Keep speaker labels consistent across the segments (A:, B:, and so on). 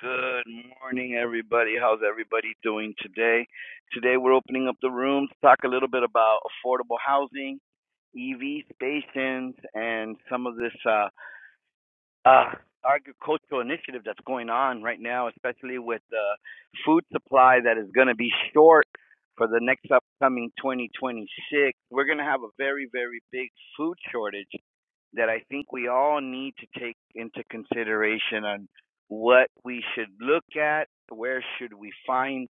A: Good morning, everybody. How's everybody doing today? Today, we're opening up the room to talk a little bit about affordable housing, EV stations, and some of this. uh, uh, agricultural initiative that's going on right now, especially with the uh, food supply that is going to be short for the next upcoming 2026. We're going to have a very, very big food shortage that I think we all need to take into consideration on what we should look at, where should we find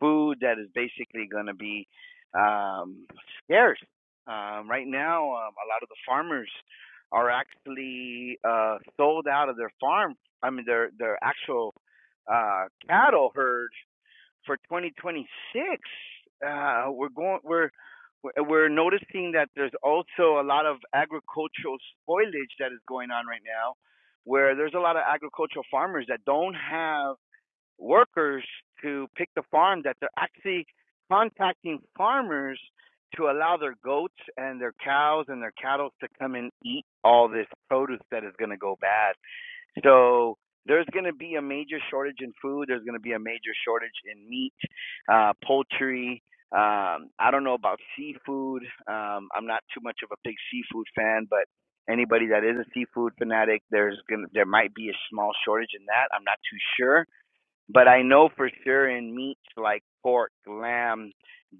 A: food that is basically going to be um, scarce. Um, right now, um, a lot of the farmers are actually uh, sold out of their farm. I mean, their their actual uh, cattle herd for 2026. Uh, we're going. We're we're we're noticing that there's also a lot of agricultural spoilage that is going on right now, where there's a lot of agricultural farmers that don't have workers to pick the farm that they're actually contacting farmers to allow their goats and their cows and their cattle to come and eat all this produce that is going to go bad. So there's going to be a major shortage in food. There's going to be a major shortage in meat, uh, poultry. Um, I don't know about seafood. Um, I'm not too much of a big seafood fan, but anybody that is a seafood fanatic, there's gonna there might be a small shortage in that. I'm not too sure but I know for sure in meats like pork, lamb,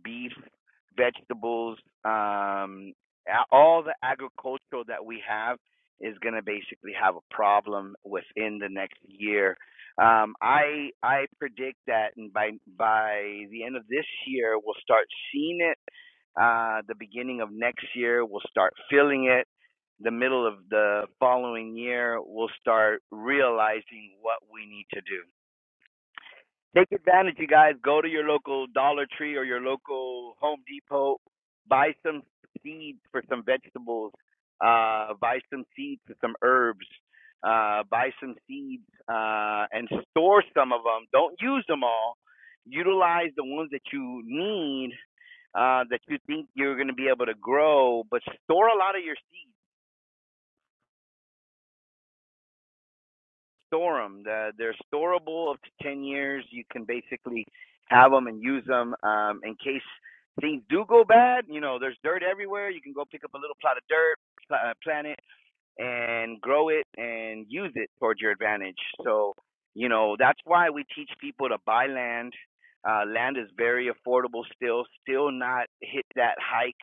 A: beef, vegetables, um, all the agricultural that we have is going to basically have a problem within the next year. Um, I I predict that and by by the end of this year we'll start seeing it. Uh, the beginning of next year we'll start feeling it the middle of the following year, we'll start realizing what we need to do. Take advantage, you guys. Go to your local Dollar Tree or your local Home Depot. Buy some seeds for some vegetables. Uh, buy some seeds for some herbs. Uh, buy some seeds uh, and store some of them. Don't use them all. Utilize the ones that you need uh, that you think you're going to be able to grow, but store a lot of your seeds. store them. They're, they're storable up to 10 years. You can basically have them and use them um, in case things do go bad. You know, there's dirt everywhere. You can go pick up a little plot of dirt, uh, plant it, and grow it and use it towards your advantage. So, you know, that's why we teach people to buy land. Uh, land is very affordable still, still not hit that hike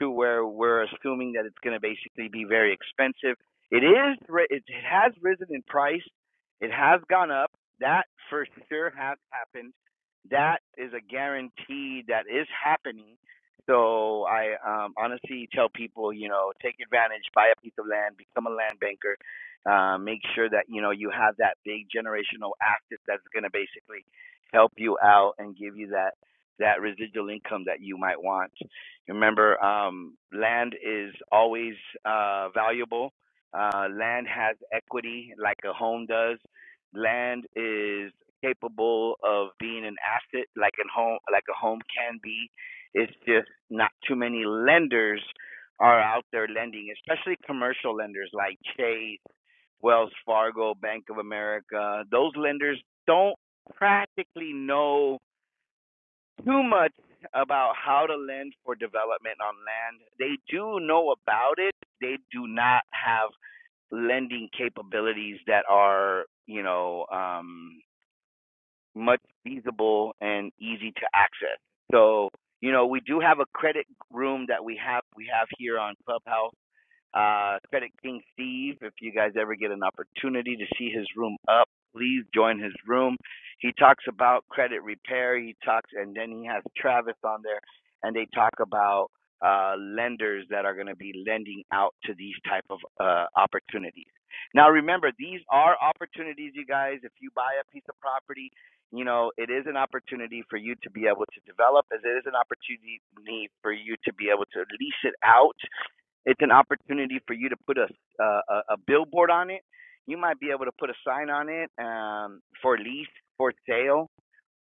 A: to where we're assuming that it's going to basically be very expensive. It is, it has risen in price. It has gone up. That for sure has happened. That is a guarantee that is happening so I um, honestly tell people, you know, take advantage, buy a piece of land, become a land banker, uh, make sure that you know you have that big generational asset that's going to basically help you out and give you that that residual income that you might want. Remember, um, land is always uh, valuable. Uh, land has equity, like a home does. Land is capable of being an asset, like a home, like a home can be. It's just not too many lenders are out there lending, especially commercial lenders like Chase, Wells Fargo, Bank of America. Those lenders don't practically know too much about how to lend for development on land. They do know about it, they do not have lending capabilities that are, you know, um much feasible and easy to access. So, you know, we do have a credit room that we have we have here on Clubhouse uh, Credit King Steve, if you guys ever get an opportunity to see his room up, please join his room. He talks about credit repair. He talks, and then he has Travis on there, and they talk about uh, lenders that are going to be lending out to these type of uh, opportunities. Now, remember, these are opportunities, you guys. If you buy a piece of property, you know it is an opportunity for you to be able to develop, as it is an opportunity for you to be able to lease it out it's an opportunity for you to put a a, a billboard on it. You might be able to put a sign on it um, for lease, for sale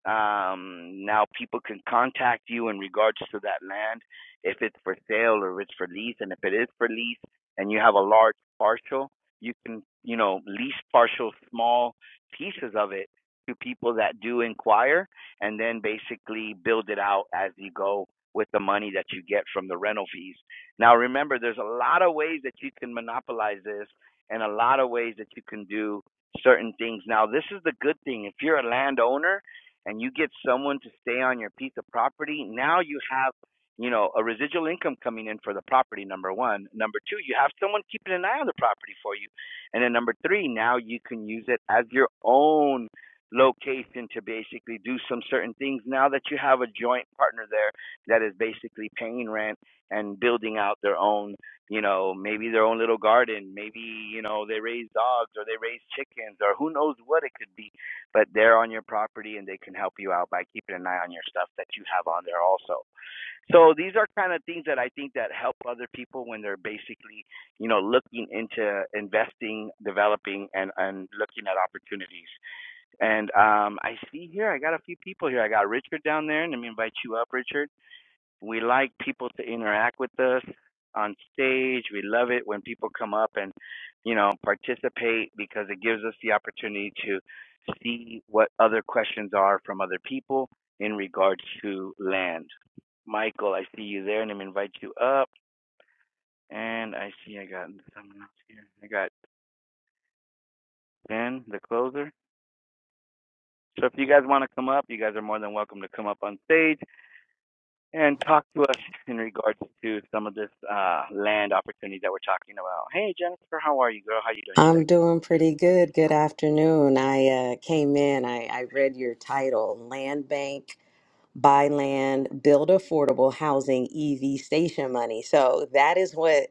A: um, now people can contact you in regards to that land if it's for sale or it's for lease. And if it is for lease and you have a large parcel, you can, you know, lease partial small pieces of it to people that do inquire and then basically build it out as you go with the money that you get from the rental fees. Now remember, there's a lot of ways that you can monopolize this and a lot of ways that you can do certain things. Now, this is the good thing. If you're a landowner, and you get someone to stay on your piece of property, now you have, you know, a residual income coming in for the property, number one. Number two, you have someone keeping an eye on the property for you. And then number three, now you can use it as your own location to basically do some certain things now that you have a joint partner there that is basically paying rent and building out their own you know, maybe their own little garden. Maybe, you know, they raise dogs or they raise chickens or who knows what it could be but they're on your property and they can help you out by keeping an eye on your stuff that you have on there also. So these are kind of things that I think that help other people when they're basically, you know, looking into investing, developing and and looking at opportunities. And um I see here I got a few people here. I got Richard down there and let me invite you up Richard. We like people to interact with us on stage. We love it when people come up and, you know, participate because it gives us the opportunity to see what other questions are from other people in regards to land. Michael, I see you there and I'm gonna invite you up. And I see I got someone else here. I got Ben, the closer. So if you guys want to come up, you guys are more than welcome to come up on stage. and talk to us in regards to some of this uh, land opportunities that we're talking about. Hey, Jennifer, how are you, girl? How are you doing today?
B: I'm doing pretty good. Good afternoon. I uh, came in, I, I read your title Land Bank, Buy Land, Build Affordable Housing, EV Station Money. So that is what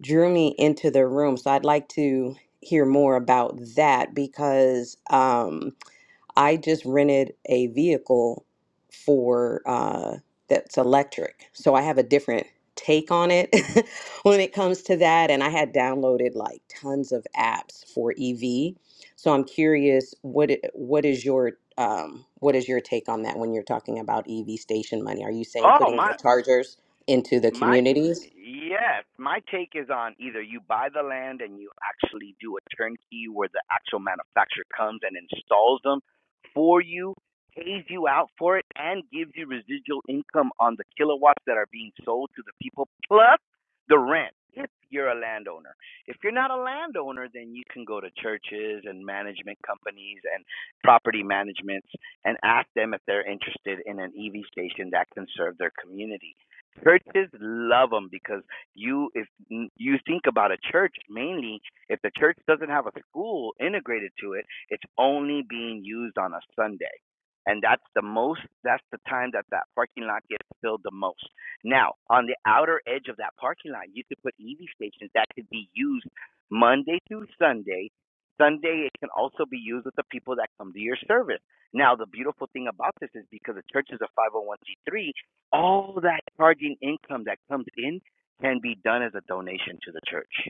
B: drew me into the room. So I'd like to hear more about that because. Um, I just rented a vehicle for uh, that's electric. So I have a different take on it when it comes to that. And I had downloaded like tons of apps for EV. So I'm curious, what i- what is your um, what is your take on that when you're talking about EV station money? Are you saying
A: Oh,
B: putting
A: my.
B: the chargers into the
A: My
B: communities?
A: yes, my take is on either you buy the land and you actually do a turnkey where the actual manufacturer comes and installs them for you, pays you out for it, and gives you residual income on the kilowatts that are being sold to the people, plus the rent. If you're a landowner, if you're not a landowner, then you can go to churches and management companies and property managements and ask them if they're interested in an EV station that can serve their community churches love them because you if you think about a church mainly if the church doesn't have a school integrated to it it's only being used on a sunday and that's the most that's the time that that parking lot gets filled the most now on the outer edge of that parking lot you could put ev stations that could be used monday through sunday sunday it can also be used with the people that come to your service now the beautiful thing about this is because the church is a 501c3 all that charging income that comes in can be done as a donation to the church.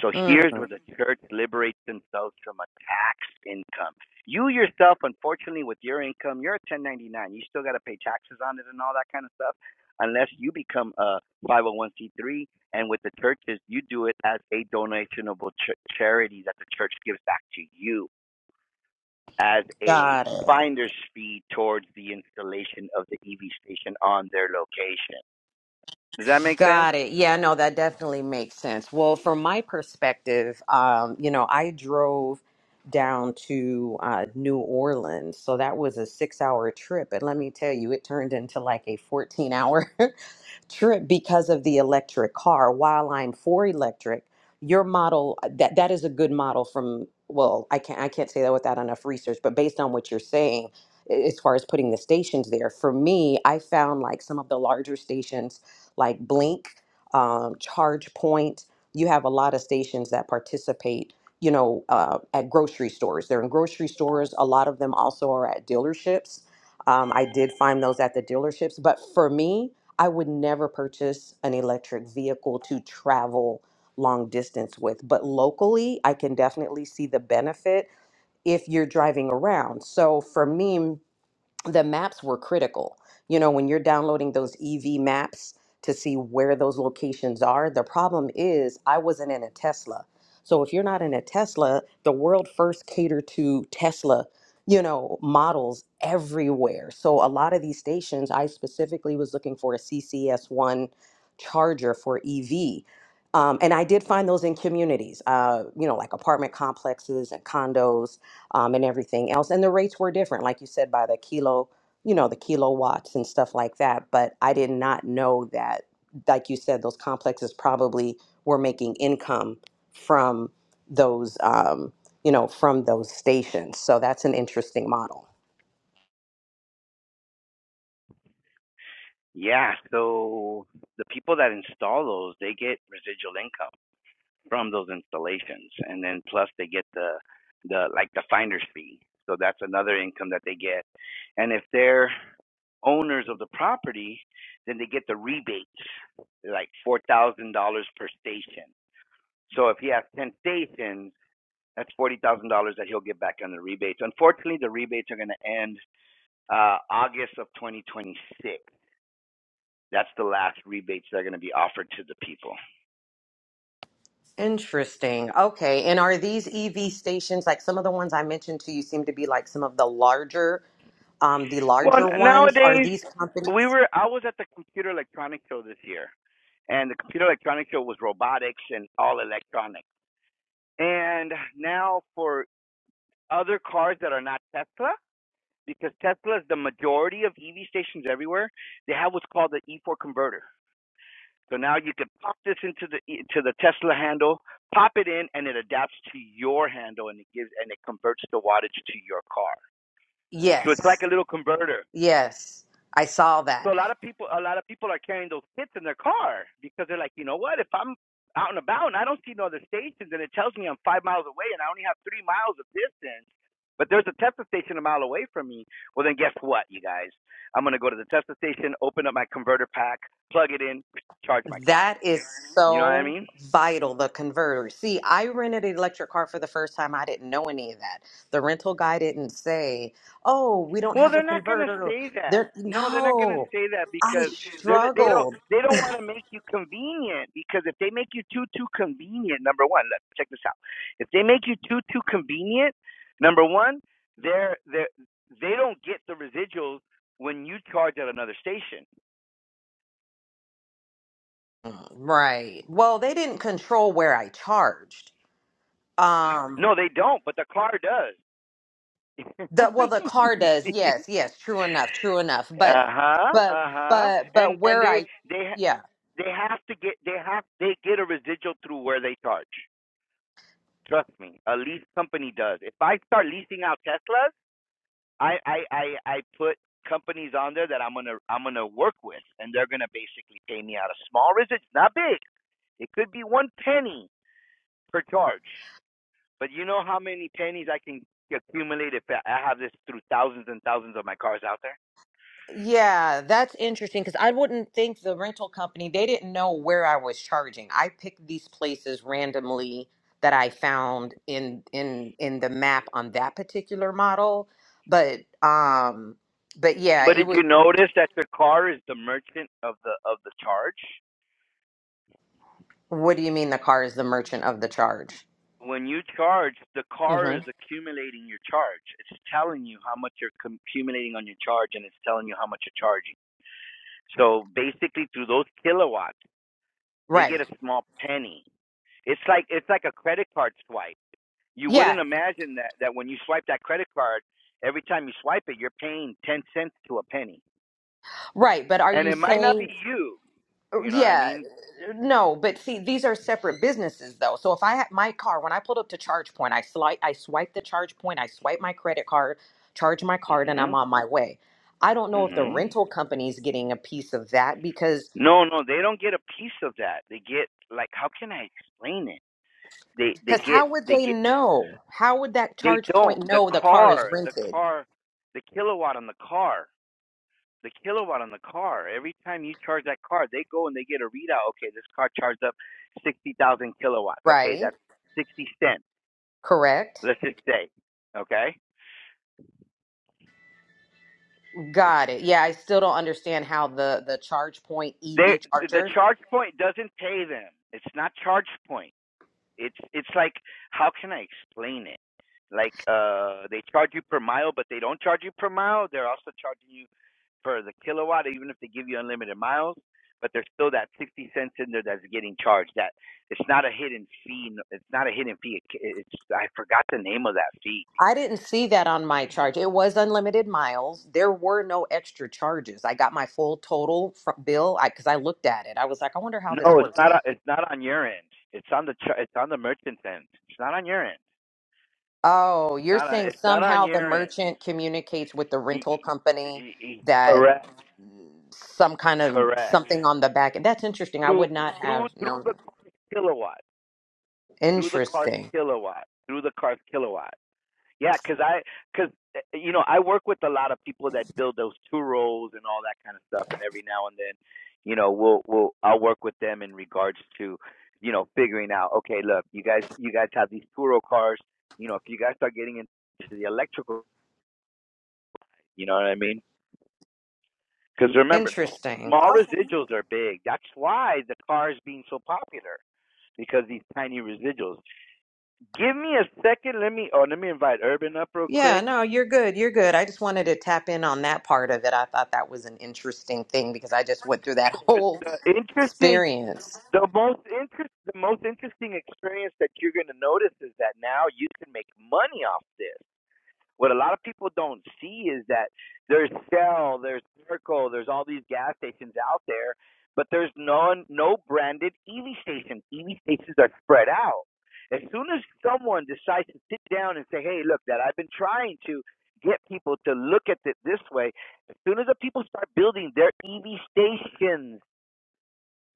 A: So here's
B: Mm,
A: where the church liberates themselves from a tax income. You yourself, unfortunately, with your income, you're a 1099. You still got to pay taxes on it and all that kind of stuff, unless you become a 501c3. And with the churches, you do it as a donationable ch- charity that the church gives back to you as a
B: got it.
A: finder's fee towards the installation of the EV station on their location. Does that make sense?
B: Got it. Yeah, no, that definitely makes sense. Well, from my perspective, um, you know, I drove down to uh, New Orleans. So that was a six hour trip. And let me tell you, it turned into like a 14 hour trip because of the electric car. While I'm for electric, your model uh, that that is a good model from well, I can't I can't say that without enough research, but based on what you're saying a- as far as putting the stations there, for me, I found like some of the larger stations like Blink, um, Charge Point, you have a lot of stations that participate, you know, uh, at grocery stores. They're in grocery stores. A lot of them also are at dealerships. Um, I did find those at the dealerships, but for me, I would never purchase an electric vehicle to travel long distance with, but locally, I can definitely see the benefit if you're driving around. So for me, the maps were critical. You know, when you're downloading those EV maps to see where those locations are, the problem is I wasn't in a Tesla. So if you're not in a Tesla, the world first catered to Tesla, you know, models everywhere. So a lot of these stations, I specifically was looking for a CCS1 charger for EV. Um, and I did find those in communities, uh, you know, like apartment complexes and condos um, and everything else. And the rates were different, like you said, by the kilo, you know, the kilowatts and stuff like that. But I did not know that, like you said, those complexes probably were making income from those, um, you know, from those stations. So that's an interesting model.
A: Yeah. So the people that install those, they get residual income from those installations, and then plus they get the the like the finder's fee. So that's another income that they get. And if they're owners of the property, then they get the rebates, like four thousand dollars per station. So if he has ten stations, that's forty thousand dollars that he'll get back on the rebates. Unfortunately, the rebates are going to end uh, August of 2026. That's the last rebates that are going to be offered to the people.
B: Interesting. Okay. And are these EV stations like some of the ones I mentioned to you seem to be like some of the larger um, the
A: Well,
B: larger ones? Are
A: nowadays
B: these companies?
A: we were. I was at the Computer Electronics Show this year, and the Computer Electronics Show was robotics and all electronic. And now for other cars that are not Tesla, because Tesla is the majority of EV stations everywhere, they have what's called the E4 converter. So now you can pop this into the e- to the Tesla handle, pop it in, and it adapts to your handle, and it gives and it converts the wattage to your car. So it's like
B: Yes,
A: a little converter.
B: yes, I saw that.
A: So a lot of people, a lot of people are carrying those kits in their car because they're like, you know what? If I'm out and about and I don't see no other stations, and it tells me I'm five miles away and I only have three miles of distance, but there's a Tesla station a mile away from me. Well, then guess what, you guys? I'm gonna go to the Tesla station, open up my converter pack, plug it in, charge my car.
B: That is
A: You know what I
B: so
A: mean?
B: vital, the converter. See, I rented an electric car for the first time. I didn't know any of that. The rental guy didn't say, "Oh, we don't
A: Well,
B: have a
A: they're not gonna
B: converter."
A: say that.
B: There,
A: No, they're not gonna
B: no,
A: say that
B: I
A: because they're not- they don't
B: struggled.
A: they don't want to make you convenient because if they make you too too convenient, number one, let check this out. If they make you too too convenient, number one, they're they are they they do not get the residuals when you charge at another station.
B: Mm, Right. Well, they didn't control where I charged. Um
A: No, they don't, but the car does.
B: the well the car
A: you
B: does.
A: see?
B: Yes, yes, true enough, true enough.
A: Uh
B: But
A: huh.
B: but
A: Uh huh.
B: but
A: And
B: but
A: and
B: where
A: they
B: I
A: they ha-
B: yeah.
A: they have to get they have they get a residual through where they charge. Trust me, a lease company does. If I start leasing out Teslas, I I I, I put companies on there that I'm gonna I'm gonna work with, and they're gonna basically pay me out a small residual, It's not big. It could be one penny per charge, but you know how many pennies I can accumulate if I I have this through thousands and thousands of my cars out there.
B: Yeah, that's interesting because I wouldn't think the rental company, they didn't know where I was charging. I picked these places randomly that I found in in in the map on that particular model. But um but yeah,
A: But
B: it
A: did you
B: was
A: notice that your car is the merchant of the of the charge?
B: what do you mean the car is the merchant of the charge?
A: when you charge, the car is
B: Mm-hmm.
A: accumulating your charge. It's telling you how much you're accumulating on your charge, and it's telling you how much you're charging. So basically, through those kilowatts, they get
B: Right.
A: a small penny. It's like it's like a credit card swipe. You
B: Yeah,
A: wouldn't imagine that that when you swipe that credit card, every time you swipe it, you're paying ten cents to a penny,
B: right. But are
A: and
B: you
A: it might not
B: saying
A: be you.
B: Uh,
A: You know what I
B: Yeah,
A: mean?
B: uh, no, but see, these are separate businesses though. So if I had my car, when I pulled up to charge point, I swipe, I swipe the charge point, I swipe my credit card, charge my card, and I'm
A: Mhm.
B: on my way. I don't know if the
A: Mhm.
B: rental company's getting a piece of that because
A: No, no, they don't get a piece of that. They get like, how can I explain it? they they
B: because
A: get
B: how would
A: they
B: they
A: get
B: know? How would that
A: they
B: charge
A: don't
B: point
A: the
B: know the car is
A: car the
B: rented?
A: car the kilowatt on the car the kilowatt on the car every time you charge that car they go and they get a readout okay this car charged up 60,000 kilowatts okay
B: Right?
A: that's 60 cents
B: Correct?
A: let's just say okay
B: Got it. Yeah, I still don't understand how the the charge point
A: they
B: EV
A: the the
B: charger
A: charge point doesn't pay them it's not charge point It's it's like how can I explain it? Like uh they charge you per mile but they don't charge you per mile. They're also charging you for the kilowatt even if they give you unlimited miles, but there's still that 60 cents in there that's getting charged. That it's not a hidden fee. It's not a hidden fee. It- It's I forgot the name of that fee.
B: I didn't see that on my charge. It was unlimited miles. There were no extra charges. I got my full total fr bill because I, 'cause I looked at it. I was like, I wonder how this
A: No, it's
B: works.
A: not. It's not on your end. It's on the char- it's on the merchant's end. It's not on your end.
B: Oh,
A: It's
B: you're
A: not. On,
B: saying
A: it's not on
B: somehow the
A: your end.
B: merchant communicates with the
A: E-
B: rental
A: e-
B: company
A: e- e-
B: that
A: Correct.
B: some kind of
A: Correct.
B: something on the back. That's interesting. I
A: through
B: would not have
A: through through
B: known
A: the
B: that.
A: car's kilowatt, through the car's
B: Interesting.
A: kilowatt, through the car's kilowatt. Yeah, because I because you know I work with a lot of people that build those two rolls and all that kind of stuff, and every now and then, you know, we'll we'll I'll work with them in regards to you know figuring out okay look you guys you guys have these two roll cars you know if you guys start getting into the electrical you know what i mean because remember
B: Interesting.
A: small
B: Okay.
A: residuals are big that's why the car is being so popular because these tiny residuals. Give me a second. Let me oh let me invite Urban up real
B: Yeah,
A: quick.
B: no, you're good. You're good. I just wanted to tap in on that part of it. I thought that was an interesting thing because I just went through that whole
A: The interesting
B: experience.
A: the most interest the most interesting experience that you're gonna notice is that now you can make money off this. What a lot of people don't see is that there's Shell, there's Circle, there's all these gas stations out there, but there's no no branded EV stations. EV stations are spread out. As soon as someone decides to sit down and say, "Hey, look, that I've been trying to get people to look at it this way," as soon as the people start building their EV stations,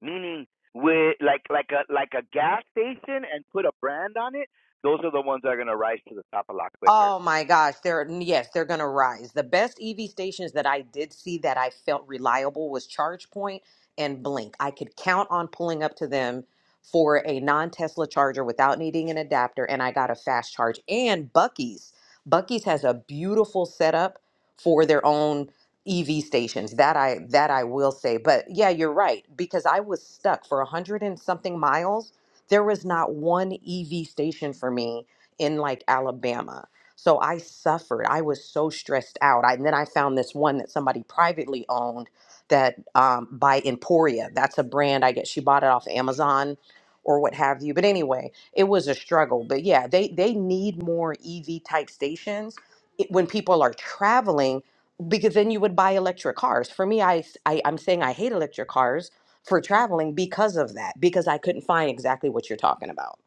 A: meaning with like like a like a gas station and put a brand on it, those are the ones that are going to rise to the top a lot quicker.
B: Oh my gosh, they're yes, they're gonna rise. The best EV stations that I did see that I felt reliable was ChargePoint and Blink. I could count on pulling up to them for a non-Tesla charger without needing an adapter, and I got a fast charge. And Bucky's. Bucky's has a beautiful setup for their own EV stations. That I that I will say. But yeah, you're right, because I was stuck for a hundred and something miles. There was not one EV station for me in like Alabama. So I suffered. I was so stressed out. I, and then I found this one that somebody privately owned that um, by Emporia. That's a brand I get. She bought it off Amazon or what have you. But anyway, it was a struggle. But yeah, they they need more EV type stations it- when people are traveling because then you would buy electric cars. For me, I, s- I I'm saying I hate electric cars for traveling because of that because I couldn't find exactly what you're talking about.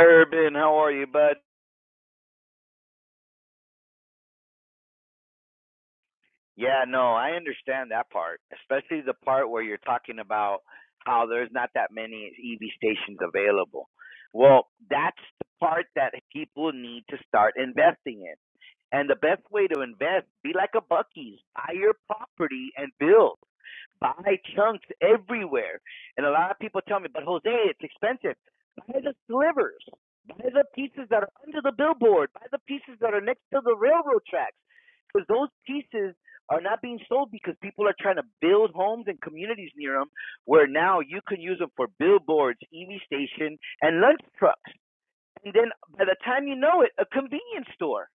A: Urban, how are you, bud? Yeah, no, I understand that part, especially the part where you're talking about how there's not that many EV stations available. Well, that's the part that people need to start investing in. And the best way to invest, be like a Bucky's, buy your property and build. Buy chunks everywhere. And a lot of people tell me, but Jose, it's expensive. Buy the slivers. Buy the pieces that are under the billboard. Buy the pieces that are next to the railroad tracks. Because those pieces are not being sold because people are trying to build homes and communities near them where now you can use them for billboards, EV station, and lunch trucks. And then by the time you know it, a convenience store.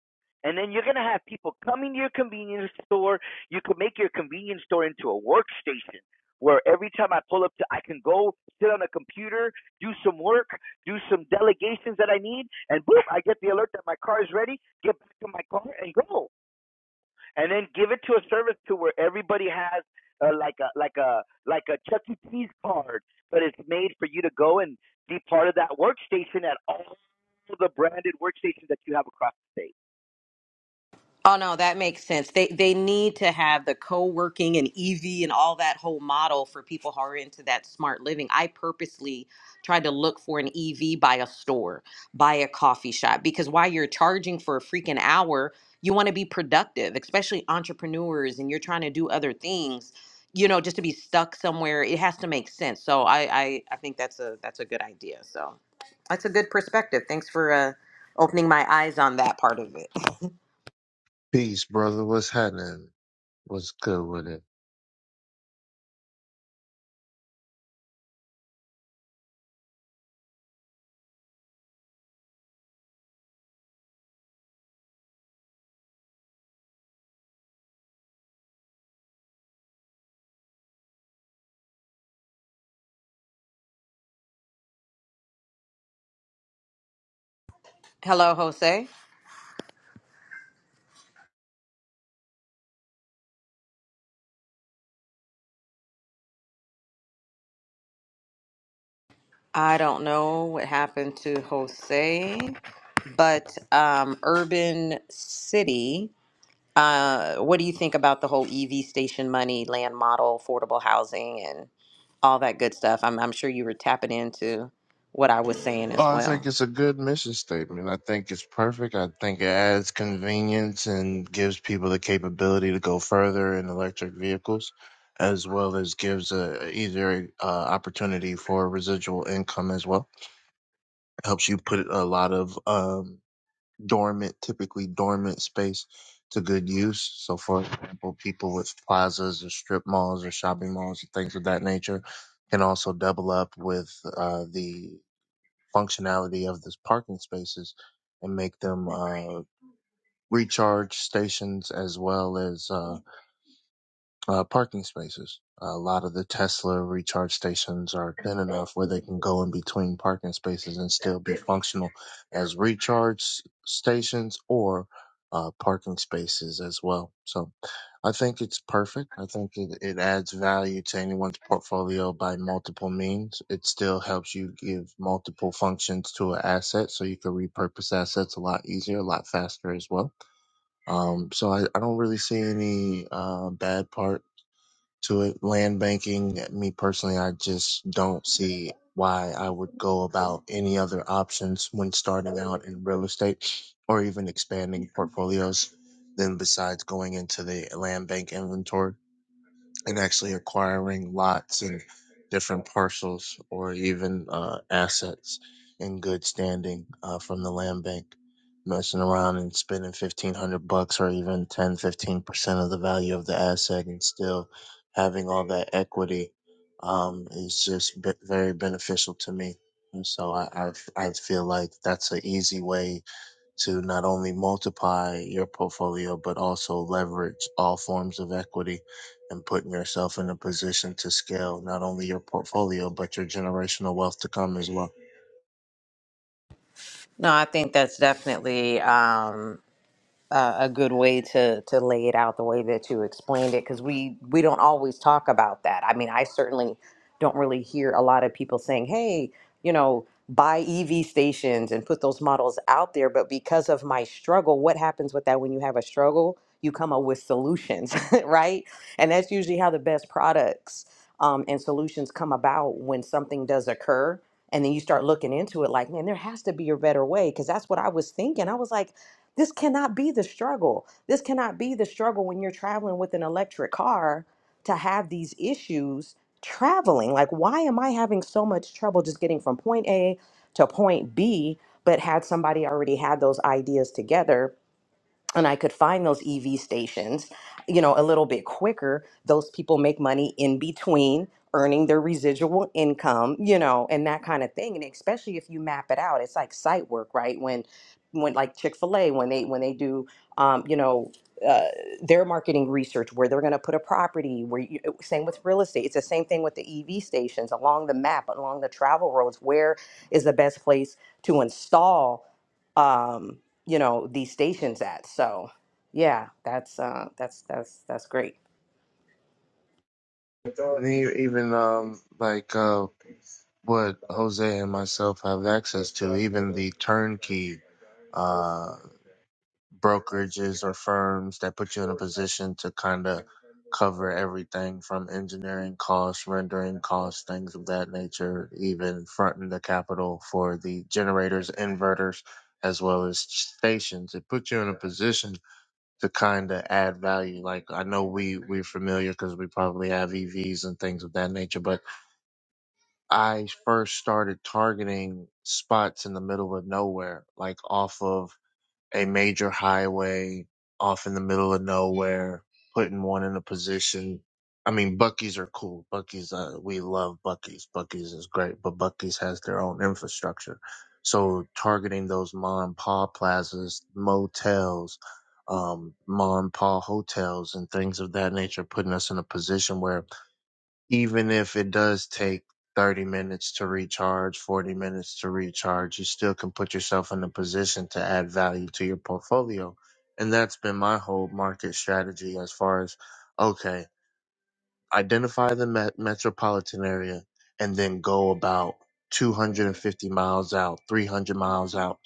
A: And then you're going to have people coming to your convenience store. You can make your convenience store into a workstation where every time I pull up to, I can go sit on a computer, do some work, do some delegations that I need, and boom, I get the alert that my car is ready, get back to my car and go. And then give it to a service to where everybody has uh, like a like a like a Chuck E. Cheese card, but it's made for you to go and be part of that workstation at all for the branded workstations that you have across the state?
B: Oh no, that makes sense. They they need to have the co-working and EV and all that whole model for people who are into that smart living. I purposely tried to look for an EV by a store, by a coffee shop because while you're charging for a freaking hour, you want to be productive, especially entrepreneurs and you're trying to do other things. You know, just to be stuck somewhere, it has to make sense. So I I, I think that's a that's a good idea. So that's a good perspective. Thanks for uh, opening my eyes on that part of it.
C: Peace, brother. What's happening? What's good with it?
B: Hello, Jose. I don't know what happened to Jose, but um, Urban City, uh, what do you think about the whole EV station money, land model, affordable housing, and all that good stuff? I'm, I'm sure you were tapping into what I was saying
C: Oh,
B: as
C: I think
B: well.
C: it's a good mission statement. I think it's perfect. I think it adds convenience and gives people the capability to go further in electric vehicles, as well as gives a easier uh, opportunity for residual income as well. Helps you put a lot of um, dormant, typically dormant space to good use. So, for example, people with plazas or strip malls or shopping malls and things of that nature can also double up with uh, the functionality of these parking spaces and make them uh, recharge stations as well as. Uh, uh, parking spaces. A lot of the Tesla recharge stations are thin enough where they can go in between parking spaces and still be functional as recharge stations or uh, parking spaces as well. So I think it's perfect. I think it, it adds value to anyone's portfolio by multiple means. It still helps you give multiple functions to an asset so you can repurpose assets a lot easier, a lot faster as well. Um, so I, I don't really see any uh, bad part to it. Land banking, me personally, I just don't see why I would go about any other options when starting out in real estate or even expanding portfolios than besides going into the land bank inventory and actually acquiring lots and different parcels or even uh, assets in good standing uh, from the land bank messing around and spending 1500 bucks or even ten, fifteen percent of the value of the asset and still having all that equity um, is just be- very beneficial to me and so I, I, I feel like that's an easy way to not only multiply your portfolio but also leverage all forms of equity and putting yourself in a position to scale not only your portfolio but your generational wealth to come as well.
B: No, I think that's definitely. Um, uh, a good way to to lay it out the way that you explained it because we we don't always talk about that. I mean, I certainly don't really hear a lot of people saying, "Hey, you know, buy EV stations and put those models out there." But because of my struggle, what happens with that when you have a struggle? You come up with solutions, right? And that's usually how the best products um, and solutions come about when something does occur. And then you start looking into it like, man, there has to be a better way. Cause that's what I was thinking. I was like, this cannot be the struggle. This cannot be the struggle when you're traveling with an electric car to have these issues traveling. Like, why am I having so much trouble just getting from point A to point B, but had somebody already had those ideas together? and I could find those EV stations, you know, a little bit quicker, those people make money in between earning their residual income, you know, and that kind of thing. And especially if you map it out, it's like site work, right? When when like Chick-fil-A when they when they do um, you know, uh, their marketing research where they're going to put a property where you, uh, same with real estate it's the same thing with the ev stations along the map along the travel roads where is the best place to install um, you know, these stations at. So yeah, that's uh, that's that's that's great.
C: And e- even um like uh what Jose and myself have access to, even the turnkey Uh, brokerages or firms that put you in a position to kind of cover everything from engineering costs, rendering costs, things of that nature, even fronting the capital for the generators, inverters, as well as stations. It puts you in a position to kind of add value. Like I know we we're familiar because we probably have EVs and things of that nature, but I first started targeting spots in the middle of nowhere, like off of a major highway off in the middle of nowhere, putting one in a position. I mean, Bucky's are cool. Bucky's, uh, we love Bucky's. Bucky's is great, but Bucky's has their own infrastructure. So targeting those mom and pop plazas, motels, um, mom and pop hotels and things of that nature, putting us in a position where even if it does take 30 minutes to recharge, 40 minutes to recharge, you still can put yourself in a position to add value to your portfolio. And that's been my whole market strategy as far as okay, identify the met- metropolitan area and then go about 250 miles out, 300 miles out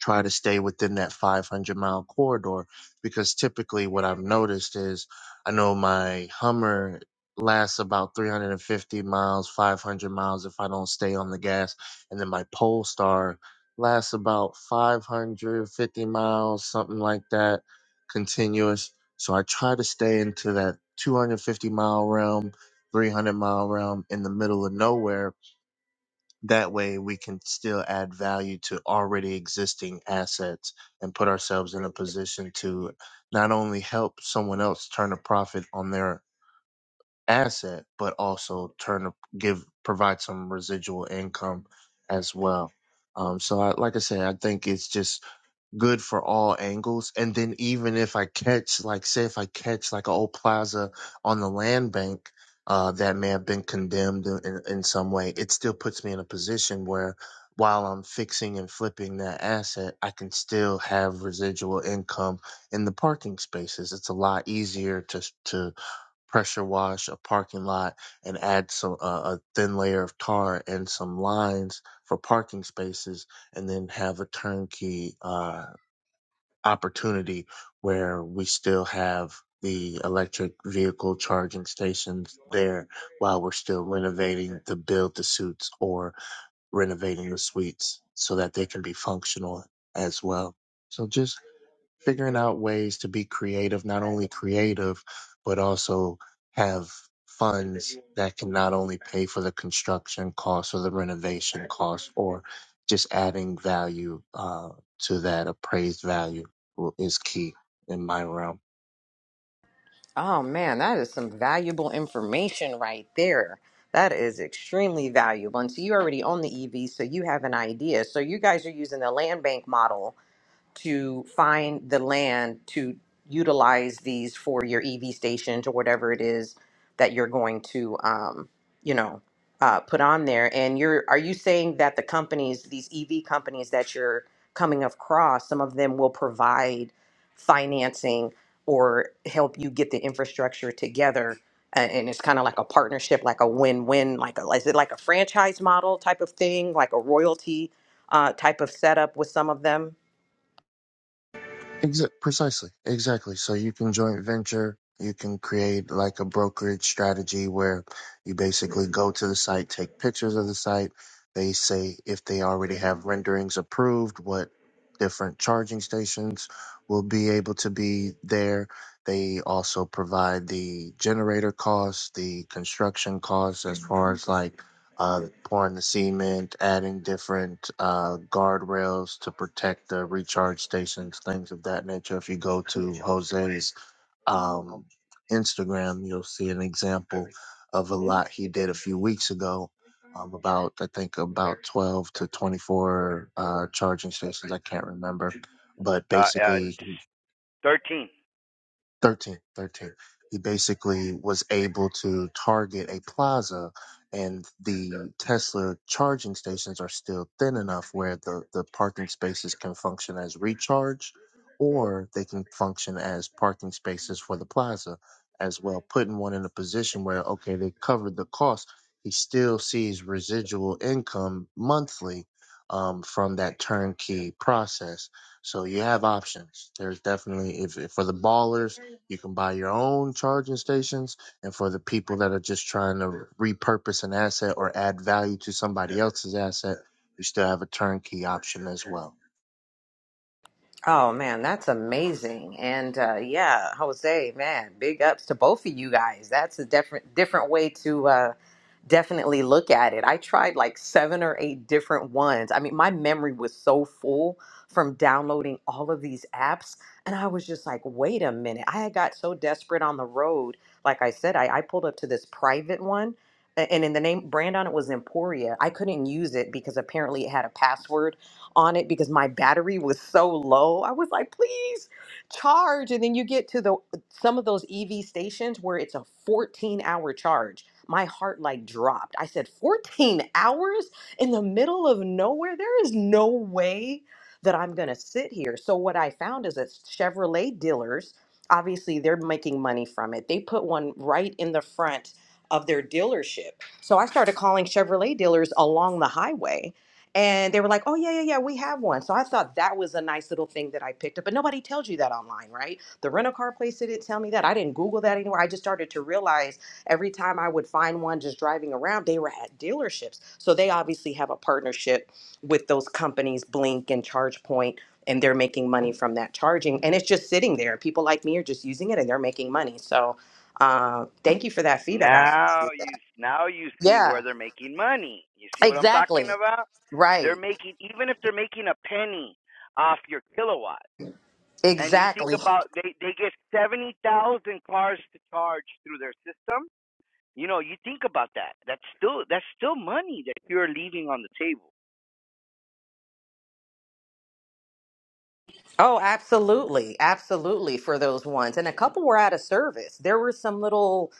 C: try to stay within that 500 mile corridor because typically what I've noticed is I know my Hummer lasts about 350 miles, 500 miles if I don't stay on the gas, and then my Polestar lasts about 550 miles, something like that, continuous. So I try to stay into that 250 mile realm, 300 mile realm in the middle of nowhere that way, we can still add value to already existing assets and put ourselves in a position to not only help someone else turn a profit on their asset, but also turn a, give provide some residual income as well. Um, so, I, like I said, I think it's just good for all angles. And then even if I catch, like, say if I catch like an old plaza on the land bank, uh, that may have been condemned in, in some way, it still puts me in a position where while I'm fixing and flipping that asset, I can still have residual income in the parking spaces. It's a lot easier to, to pressure wash a parking lot and add some, uh, a thin layer of tar and some lines for parking spaces and then have a turnkey uh, opportunity where we still have the electric vehicle charging stations there while we're still renovating the build the suits or renovating the suites so that they can be functional as well. So just figuring out ways to be creative, not only creative, but also have funds that can not only pay for the construction costs or the renovation costs or just adding value uh, to that appraised value w- is key in my realm.
B: Oh man, that is some valuable information right there. That is extremely valuable. And so you already own the EV, so you have an idea. So you guys are using the land bank model to find the land to utilize these for your EV stations or whatever it is that you're going to, um, you know, uh, put on there. And you're, are you saying that the companies, these EV companies that you're coming across, some of them will provide financing or help you get the infrastructure together? a- And it's kind of like a partnership, like a win-win, like a, is it like a franchise model type of thing, like a royalty uh, type of setup with some of them?
C: Exa- precisely. Exactly. So you can joint venture. You can create like a brokerage strategy where you basically go to the site, take pictures of the site. They say if they already have renderings approved, what different charging stations will be able to be there. They also provide the generator costs, the construction costs, as far as like uh, pouring the cement, adding different uh, guardrails to protect the recharge stations, things of that nature. If you go to Jose's um, Instagram, you'll see an example of a lot he did a few weeks ago. Um, about I think about 12 to 24 uh, charging stations. I can't remember, but
A: Uh, uh,
C: basically
A: thirteen.
C: 13, 13. He basically was able to target a plaza, and the Tesla charging stations are still thin enough where the, the parking spaces can function as recharge or they can function as parking spaces for the plaza as well, putting one in a position where, okay, they covered the cost. He still sees residual income monthly um, from that turnkey process. So you have options. There's definitely, if, if for the ballers, you can buy your own charging stations. And for the people that are just trying to repurpose an asset or add value to somebody else's asset, you still have a turnkey option as well.
B: Oh man, that's amazing. And uh, yeah, Jose, man, big ups to both of you guys. That's a different different way to uh, definitely look at it. I tried like seven or eight different ones. I mean, my memory was so full from downloading all of these apps, and I was just like, wait a minute. I had got so desperate on the road. Like I said, I, I pulled up to this private one. a- And in the name brand on it was Emporia. I couldn't use it because apparently it had a password on it because my battery was so low. I was like, please charge. And then you get to the some of those EV stations where it's a 14 hour charge. My heart like dropped. I said, 14 hours in the middle of nowhere? There is no way that I'm going to sit here. So, what I found is that Chevrolet dealers, obviously, they're making money from it. They put one right in the front of their dealership. So, I started calling Chevrolet dealers along the highway and they were like, oh, yeah, yeah, yeah, we have one. So I thought that was a nice little thing that I picked up. But nobody tells you that online, right? The rental car place didn't tell me that. I didn't Google that anywhere. I just started to realize every time I would find one just driving around, they were at dealerships. So they obviously have a partnership with those companies, Blink and ChargePoint, and they're making money from that charging. And it's just sitting there. People like me are just using it and they're making money. So uh, thank you for that feedback. I,
A: Now you now you see
B: yeah,
A: where they're making money. You see what I'm talking
B: exactly.
A: about? They're
B: Right.
A: making even if they're making a penny off your kilowatt, and you think
B: Exactly.
A: about they they get seventy thousand cars to charge through their system. You know, you think about that. That's still that's still money that you're leaving on the table.
B: Oh, absolutely. Absolutely for those ones. And a couple were out of service. There were some little,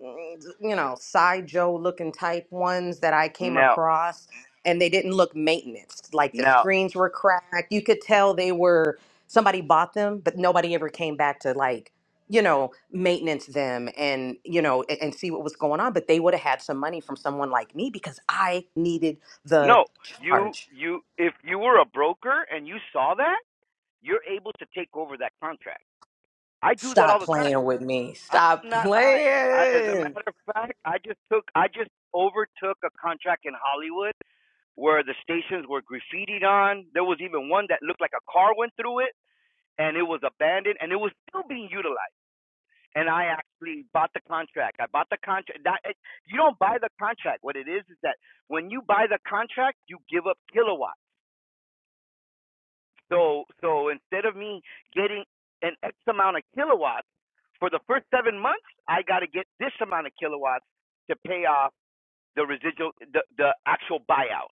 B: mm, you know, side Joe looking type ones that I came
A: Now,
B: across and they didn't look maintenance. Like the
A: now,
B: screens were cracked. You could tell they were somebody bought them, but nobody ever came back to like, you know, maintenance them and, you know, and, and see what was going on. But they would have had some money from someone like me because I needed the
A: no, you
B: charge.
A: you if you were a broker and you saw that you're able to take over that contract. I do that all
B: Stop
A: the time.
B: playing with me.
A: I'm
B: Stop
A: not lying. I, as a
B: playing.
A: matter of fact, I just took, I just overtook a contract in Hollywood where the stations were graffitied on. There was even one that looked like a car went through it and it was abandoned and it was still being utilized. And I actually bought the contract. I bought the contract. That, it, you don't buy the contract. What it is is that when you buy the contract, you give up kilowatts. So so instead of me getting an X amount of kilowatts for the first seven months, I got to get this amount of kilowatts to pay off the residual, the the actual buyout.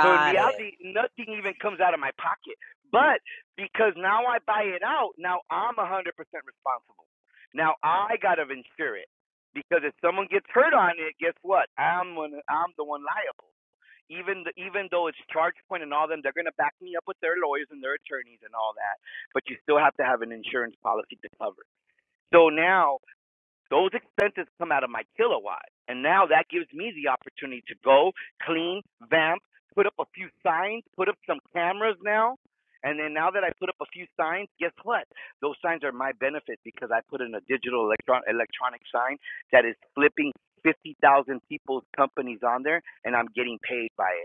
A: So in
B: it.
A: reality, nothing even comes out of my pocket. But because now I buy it out, now I'm 100% responsible. Now I got to insure it because if someone gets hurt on it, guess what? I'm one, I'm the one liable even the, even though it's ChargePoint and all them, they're gonna back me up with their lawyers and their attorneys and all that. But you still have to have an insurance policy to cover. So now those expenses come out of my kilowatt, and now that gives me the opportunity to go clean, vamp, put up a few signs, put up some cameras now. And then now that I put up a few signs, guess what? Those signs are my benefit because I put in a digital electron electronic sign that is flipping fifty thousand people's companies on there, and I'm getting paid by it.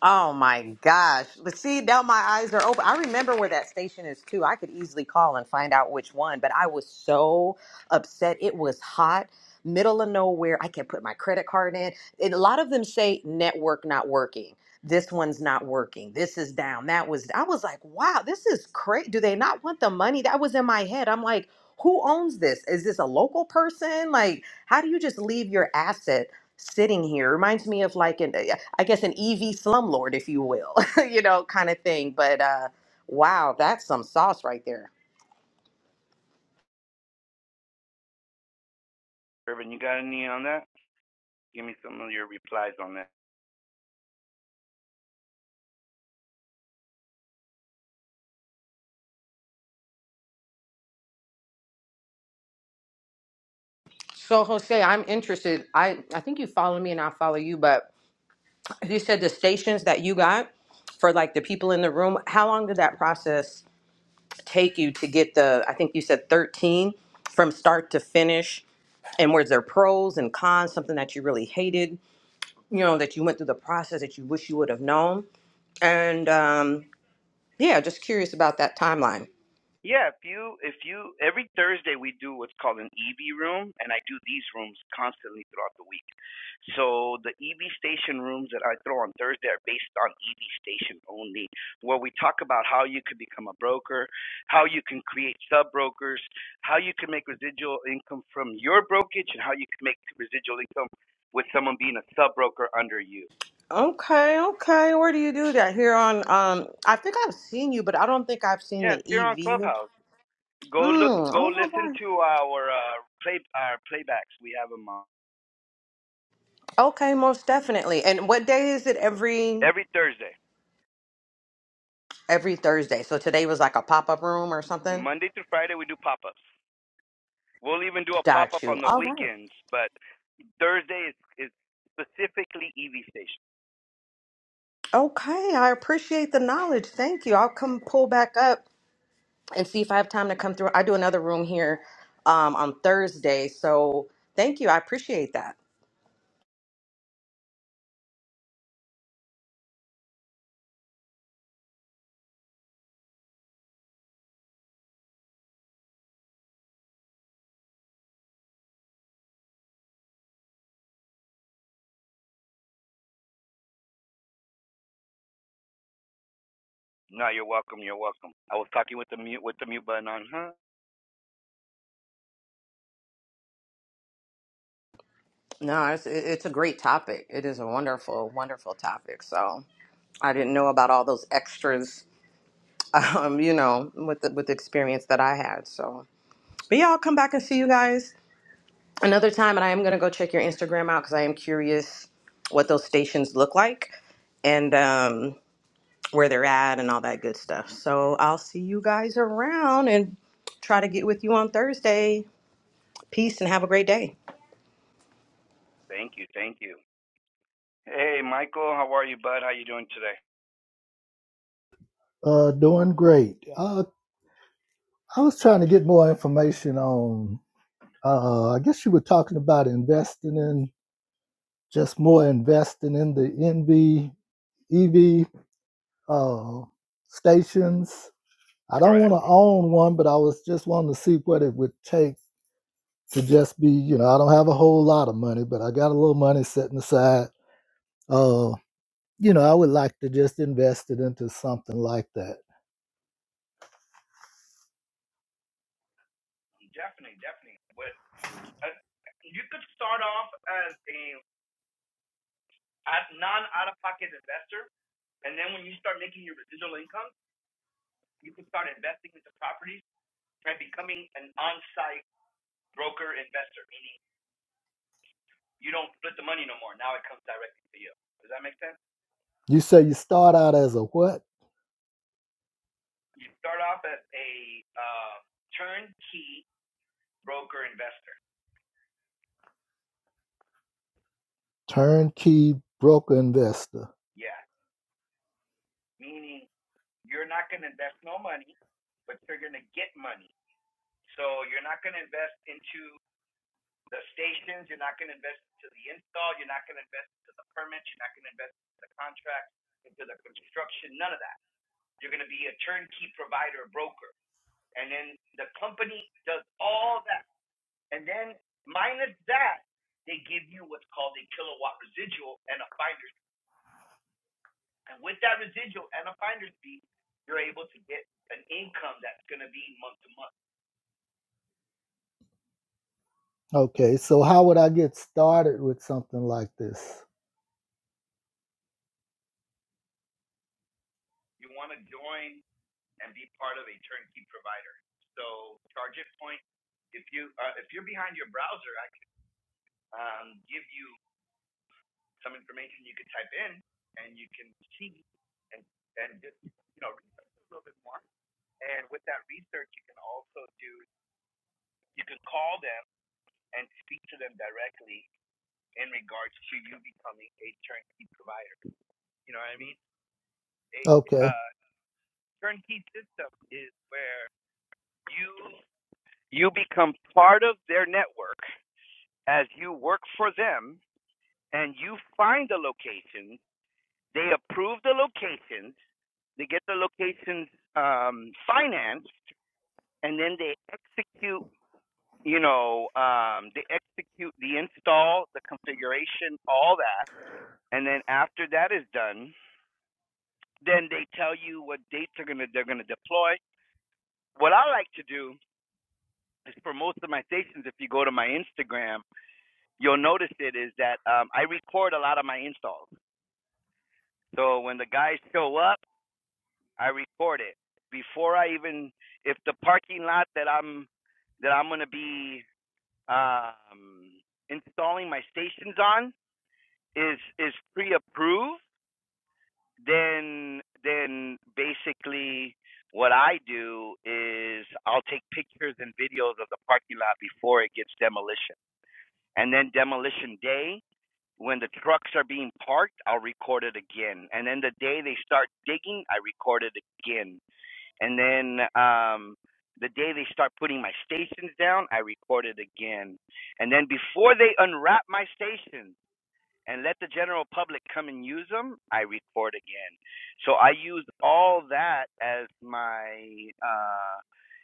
B: Oh my gosh. But see, now my eyes are open. I remember where that station is too. I could easily call and find out which one, but I was so upset. It was hot, middle of nowhere. I can't put my credit card in. And a lot of them say network not working. This one's not working. This is down. That was, I was like, wow, this is crazy. Do they not want the money? That was in my head. I'm like, who owns this? Is this a local person? Like, how do you just leave your asset? sitting here. It reminds me of like an, I guess, an EV slumlord, if you will, you know, kind of thing. But uh, wow, that's some sauce right there.
A: Urban, you got any on that? Give me some of your replies on that.
B: So Jose, I'm interested. I I think you follow me and I follow you, but you said the stations that you got for like the people in the room. How long did that process take you to get the? I think you said 13 from start to finish. And were there pros and cons? Something that you really hated, you know, that you went through the process that you wish you would have known. And um, Yeah, just curious about that timeline.
A: Yeah, if you if you every Thursday we do what's called an EV room, and I do these rooms constantly throughout the week. So the EV station rooms that I throw on Thursday are based on EV station only, where we talk about how you could become a broker, how you can create sub brokers, how you can make residual income from your brokerage, and how you can make residual income with someone being a sub broker under you.
B: Okay, okay. Where do you do that? Here on um I think I've seen you, but I don't think I've seen
A: Yeah,
B: the
A: it's here on
B: EV.
A: Clubhouse. Go look.
B: Mm,
A: Go
B: oh my
A: listen
B: God.
A: to our uh, play our playbacks. We have them on
B: Okay, most definitely. And what day is it every
A: every Thursday,
B: every Thursday? So today was like a pop-up room or something?
A: Monday through Friday. We do pop ups. We'll even do a pop
B: Got
A: up on
B: you.
A: the
B: All right.
A: weekends, but Thursday is, is specifically EV station.
B: Okay, I appreciate the knowledge. Thank you. I'll come pull back up and see if I have time to come through. I do another room here um on Thursday. So thank you. I appreciate that.
A: No, you're welcome. You're welcome. I was talking with the mute with the mute button on. Huh?
B: No, it's it- it's a great topic. It is a wonderful, wonderful topic. So I didn't know about all those extras, um, you know, with the with the experience that I had. So, but yeah, I'll come back and see you guys another time. And I am gonna go check your Instagram out because I am curious what those stations look like and um, where they're at and all that good stuff. So I'll see you guys around and try to get with you on Thursday. Peace and have a great day.
A: Thank you. Thank you. Hey, Michael. How are you, bud? How you doing today?
D: Uh, doing great. Uh, I was trying to get more information on. Uh, I guess you were talking about investing in just more investing in the NV EV uh, stations. I don't want
A: Correct.
D: to own one, but I was just wanting to see what it would take to just be. You know, I don't have a whole lot of money, but I got a little money setting aside. Uh, you know, I would like to just invest it into something like that.
A: Definitely. Definitely. But uh, you could start off as a as non-out-of-pocket investor. And then when you start making your residual income, you can start investing into properties and becoming an on-site broker investor, meaning you don't split the money no more. Now it comes directly to you. Does that make sense?
D: You say you start out as a what?
A: You start off as a uh, turnkey broker investor.
D: Turnkey broker investor.
A: Yeah, meaning you're not going to invest no money, but you're going to get money. So you're not going to invest into the stations, you're not gonna invest into the install, you're not gonna invest into the permits, you're not gonna invest into the contract, into the construction, none of that. You're gonna be a turnkey provider, broker. And then the company does all that. And then minus that, they give you what's called a kilowatt residual and a finder's fee. And with that residual and a finder's fee, you're able to get an income that's gonna be month to month.
D: Okay, so how would I get started with something like this?
A: You wanna join and be part of a turnkey provider. So Target Point, if you uh, if you're behind your browser, I can um, give you some information you could type in, and you can see and and just you know research a little bit more. And with that research, you can also do you can call them and speak to them directly in regards to you becoming a turnkey provider. You know what I mean? A
D: Okay,
A: uh, turnkey system is where you you become part of their network as you work for them and you find the location, they approve the locations, they get the locations um, financed, and then they execute, you know, um, they execute the install, the configuration, all that. And then after that is done, then they tell you what dates are gonna they're gonna deploy. What I like to do is for most of my stations, if you go to my Instagram, you'll notice it is that um, I record a lot of my installs. So when the guys show up, I record it before I even if the parking lot that I'm that I'm gonna be um, installing my stations on is is pre-approved, then then basically what I do is I'll take pictures and videos of the parking lot before it gets demolition, and then demolition day When the trucks are being parked, I'll record it again. And then the day they start digging, I record it again. And then um, the day they start putting my stations down, I record it again. And then before they unwrap my stations and let the general public come and use them, I record again. So I use all that as my uh,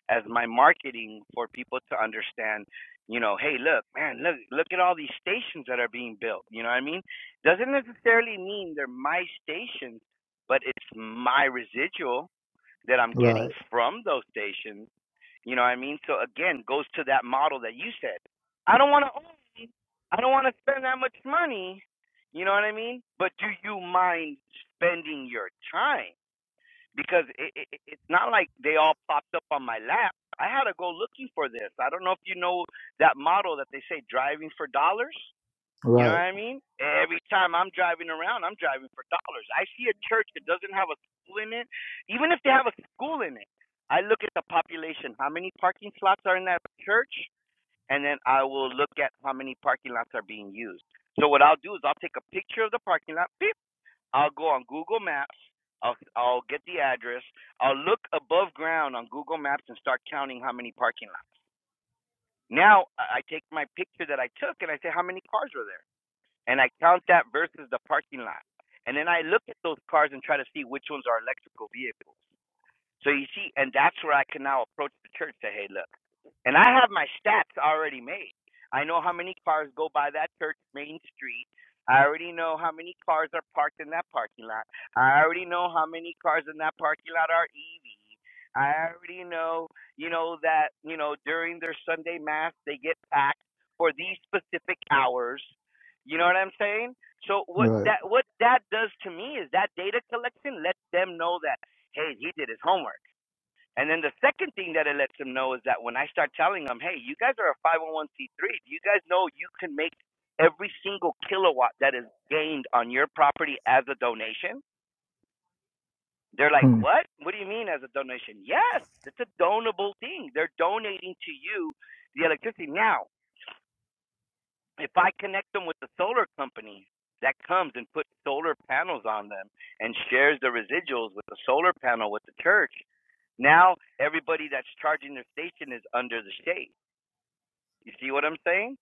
A: as my marketing for people to understand. You know, hey, look, man, look, look at all these stations that are being built. You know what I mean? Doesn't necessarily mean they're my stations, but it's my residual that I'm getting
D: right,
A: from those stations you know what I mean? So again, goes to that model that you said. I don't want to own. I don't want to spend that much money. You know what I mean? But do you mind spending your time? Because it, it, it's not like they all popped up on my lap. I had to go looking for this. I don't know if you know that model that they say driving for dollars. You know
D: right,
A: what I mean? Every time I'm driving around, I'm driving for dollars. I see a church that doesn't have a school in it, even if they have a school in it. I look at the population, how many parking slots are in that church, and then I will look at how many parking lots are being used. So what I'll do is I'll take a picture of the parking lot. Beep. I'll go on Google Maps. I'll I'll get the address. I'll look above ground on Google Maps and start counting how many parking lots. Now I take my picture that I took and I say how many cars are there and I count that versus the parking lot. And then I look at those cars and try to see which ones are electrical vehicles. So you see, and that's where I can now approach the church say, hey, look, and I have my stats already made. I know how many cars go by that church main street. I already know how many cars are parked in that parking lot. I already know how many cars in that parking lot are EV. I already know, you know, that, you know, during their Sunday mass, they get packed for these specific hours. You know what I'm saying? So what
D: right,
A: that what that does to me is that data collection lets them know that hey, he did his homework. And then the second thing that it lets them know is that when I start telling them, hey, you guys are a 501c3, do you guys know you can make every single kilowatt that is gained on your property as a donation? They're like,
D: hmm,
A: what? What do you mean as a donation? Yes, it's a donable thing. They're donating to you the electricity. Now, if I connect them with the solar company that comes and puts solar panels on them and shares the residuals with the solar panel with the church, now everybody that's charging their station is under the shade. You see what I'm saying?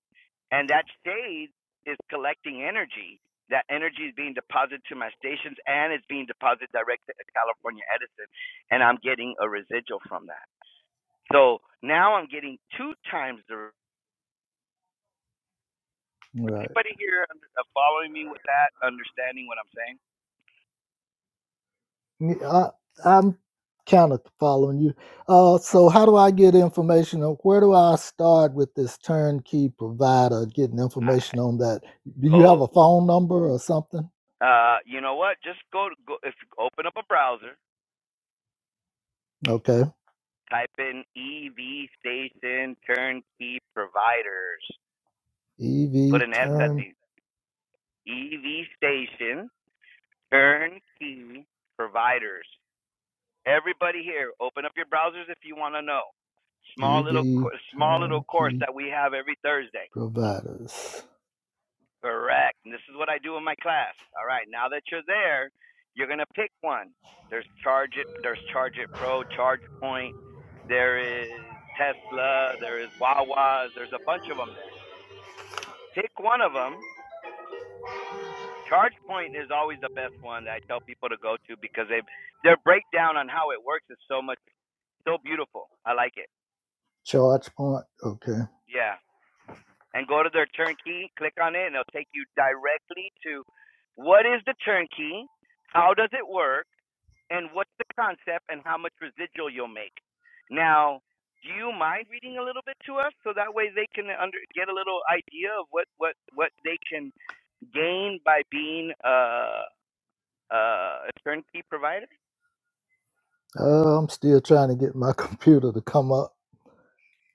A: And that shade is collecting energy. That energy is being deposited to my stations and it's being deposited directly to California Edison, and I'm getting a residual from that. So now I'm getting two times the
D: right.
A: Anybody here uh, following me with that, understanding what I'm saying?
D: i am kind of following you. Uh, so how do I get information on where do I start with this turnkey provider? Getting
A: All
D: information
A: right,
D: on that. Do you have
A: go.
D: a phone number or something?
A: Uh, you know what? Just go go. If you open up a browser,
D: Okay,
A: type in EV station turnkey providers. Put
D: EV
A: an S at
D: turn
A: the EV station turnkey providers. Everybody here, open up your browsers if you want to know. Small little
D: EV
A: small little course
D: turnkey
A: that we have every Thursday.
D: providers.
A: Correct. And this is what I do in my class. All right. Now that you're there, you're gonna pick one. There's Charge It. There's Charge It Pro, Charge Point. There is Tesla. There is Wawa's. There's a bunch of them there. Pick one of them. Charge Point is always the best one that I tell people to go to because they their breakdown on how it works is so much so beautiful. I like it.
D: Charge point. Okay.
A: Yeah. and go to their turnkey, click on it, and it'll take you directly to what is the turnkey, how does it work, and what's the concept, and how much residual you'll make. Now, do you mind reading a little bit to us so that way they can under, get a little idea of what, what, what they can gain by being uh, uh, a turnkey provider?
D: Uh, I'm still trying to get my computer to come up.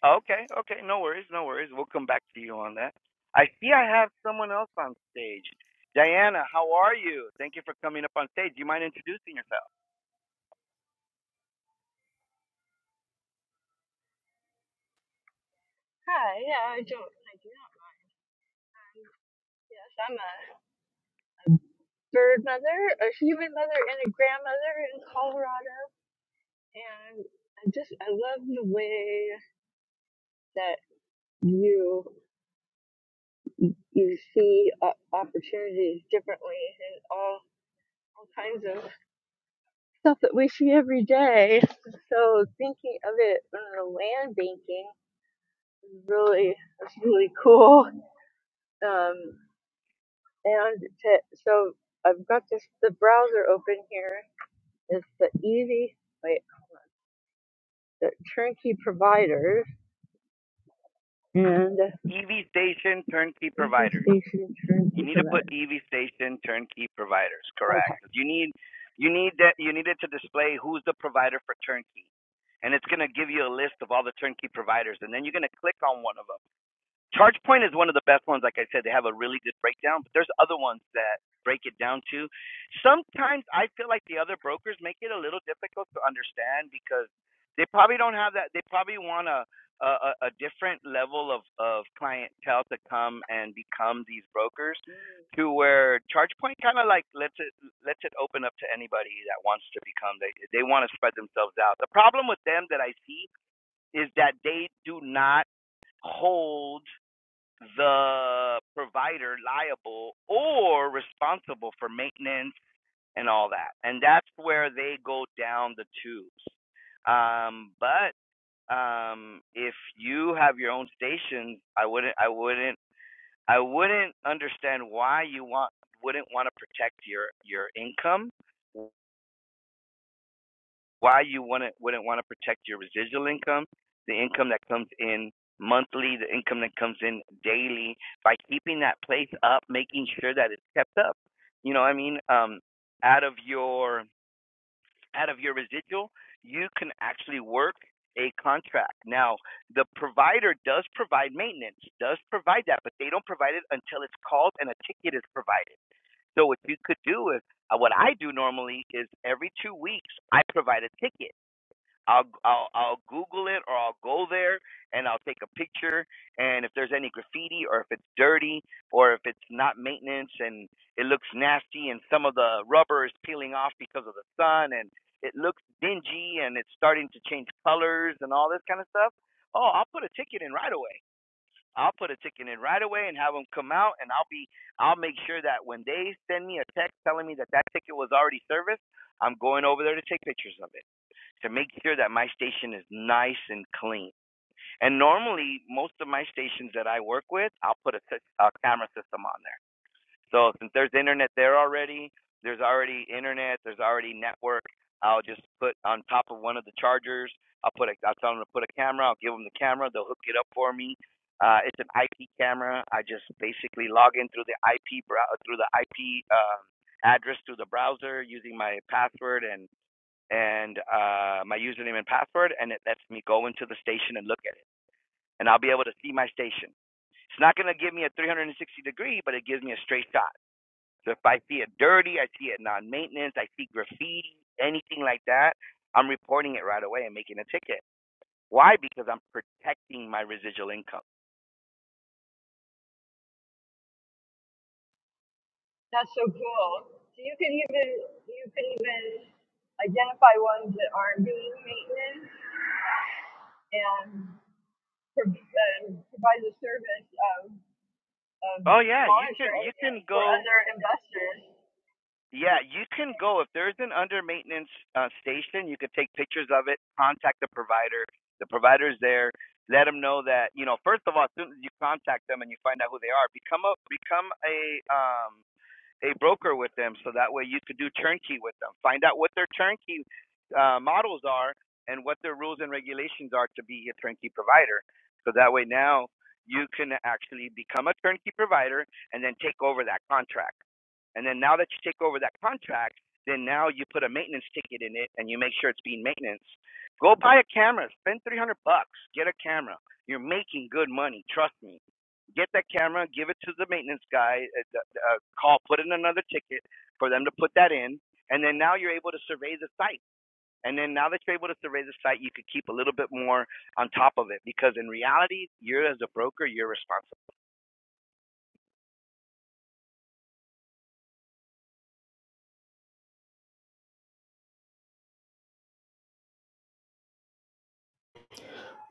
A: Okay, okay, no worries, no worries. We'll come back to you on that. I see I have someone else on stage. Diana, how are you? Thank you for coming up on stage. Do you mind introducing yourself?
E: Hi, yeah, I don't, I do not. mind. Yes, I'm a bird mother, a human mother, and a grandmother in Colorado. And I just, I love the way that you you see o- opportunities differently and all, all kinds of stuff that we see every day. So thinking of it in the land banking is really is really cool. Um, and to, so I've got this the browser open here is the easy wait hold on, the turnkey providers and
A: EV Station Turnkey
E: easy
A: Providers.
E: station
A: You
E: turnkey
A: need to put
E: providers.
A: EV Station Turnkey Providers,
E: Okay,
A: correct? You need you need that you need it to display who's the provider for turnkey. And it's going to give you a list of all the turnkey providers and then you're going to click on one of them ChargePoint is one of the best ones. Like I said, they have a really good breakdown, but there's other ones that break it down too. Sometimes I feel like the other brokers make it a little difficult to understand because they probably don't have that. They probably want a a, a different level of of clientele to come and become these brokers.
E: Mm.
A: To where ChargePoint kind of like lets it lets it open up to anybody that wants to become. They they want to spread themselves out. The problem with them that I see is that they do not hold the provider liable or responsible for maintenance and all that. And that's where they go down the tubes. Um, but um, if you have your own station, I wouldn't, I wouldn't, I wouldn't understand why you want wouldn't want to protect your your income why you wouldn't wouldn't want to protect your residual income, the income that comes in monthly, the income that comes in daily, by keeping that place up, making sure that it's kept up. You know, what I mean, um, out of your out of your residual, you can actually work a contract. Now, the provider does provide maintenance, does provide that, but they don't provide it until it's called and a ticket is provided. So what you could do is, uh, what I do normally is every two weeks I provide a ticket I'll I'll I'll Google it or I'll go there and I'll take a picture and if there's any graffiti or if it's dirty or if it's not maintenance and it looks nasty and some of the rubber is peeling off because of the sun and it looks dingy and it's starting to change colors and all this kind of stuff. Oh, I'll put a ticket in right away. I'll put a ticket in right away and have them come out and I'll be I'll make sure that when they send me a text telling me that that ticket was already serviced, I'm going over there to take pictures of it to make sure that my station is nice and clean. And normally, most of my stations that I work with, I'll put a, a camera system on there. So since there's internet there already, there's already internet, there's already network. I'll just put on top of one of the chargers. I'll put a, I'll tell them to put a camera. I'll give them the camera. They'll hook it up for me. Uh, it's an IP camera. I just basically log in through the IP through the IP uh, address through the browser using my password and and uh, my username and password, and it lets me go into the station and look at it, and I'll be able to see my station. It's not going to give me a 360 degree, but it gives me a straight shot. So if I see it dirty, I see it non-maintenance, I see graffiti, anything like that, I'm reporting it right away and making a ticket. Why? Because I'm protecting my residual income.
E: That's so cool. So you can even you can even identify ones that aren't doing maintenance and, pro- and provide the service of, of
A: Oh yeah, you can
E: monitoring
A: you
E: it
A: can
E: for
A: go
E: other investors.
A: Yeah, you can go if there's an under maintenance uh, station. You could take pictures of it, contact the provider. The provider's there. Let them know that you know. First of all, as soon as you contact them and you find out who they are, become a become a um, a broker with them so that way you could do turnkey with them. Find out what their turnkey uh, models are and what their rules and regulations are to be a turnkey provider. So that way now you can actually become a turnkey provider and then take over that contract. And then now that you take over that contract, then now you put a maintenance ticket in it and you make sure it's being maintenance. Go buy a camera, spend 300 bucks, get a camera. You're making good money, trust me get that camera, give it to the maintenance guy, uh, uh, call, put in another ticket for them to put that in, and then now you're able to survey the site. And then now that you're able to survey the site, you could keep a little bit more on top of it because in reality, you're as a broker, you're responsible.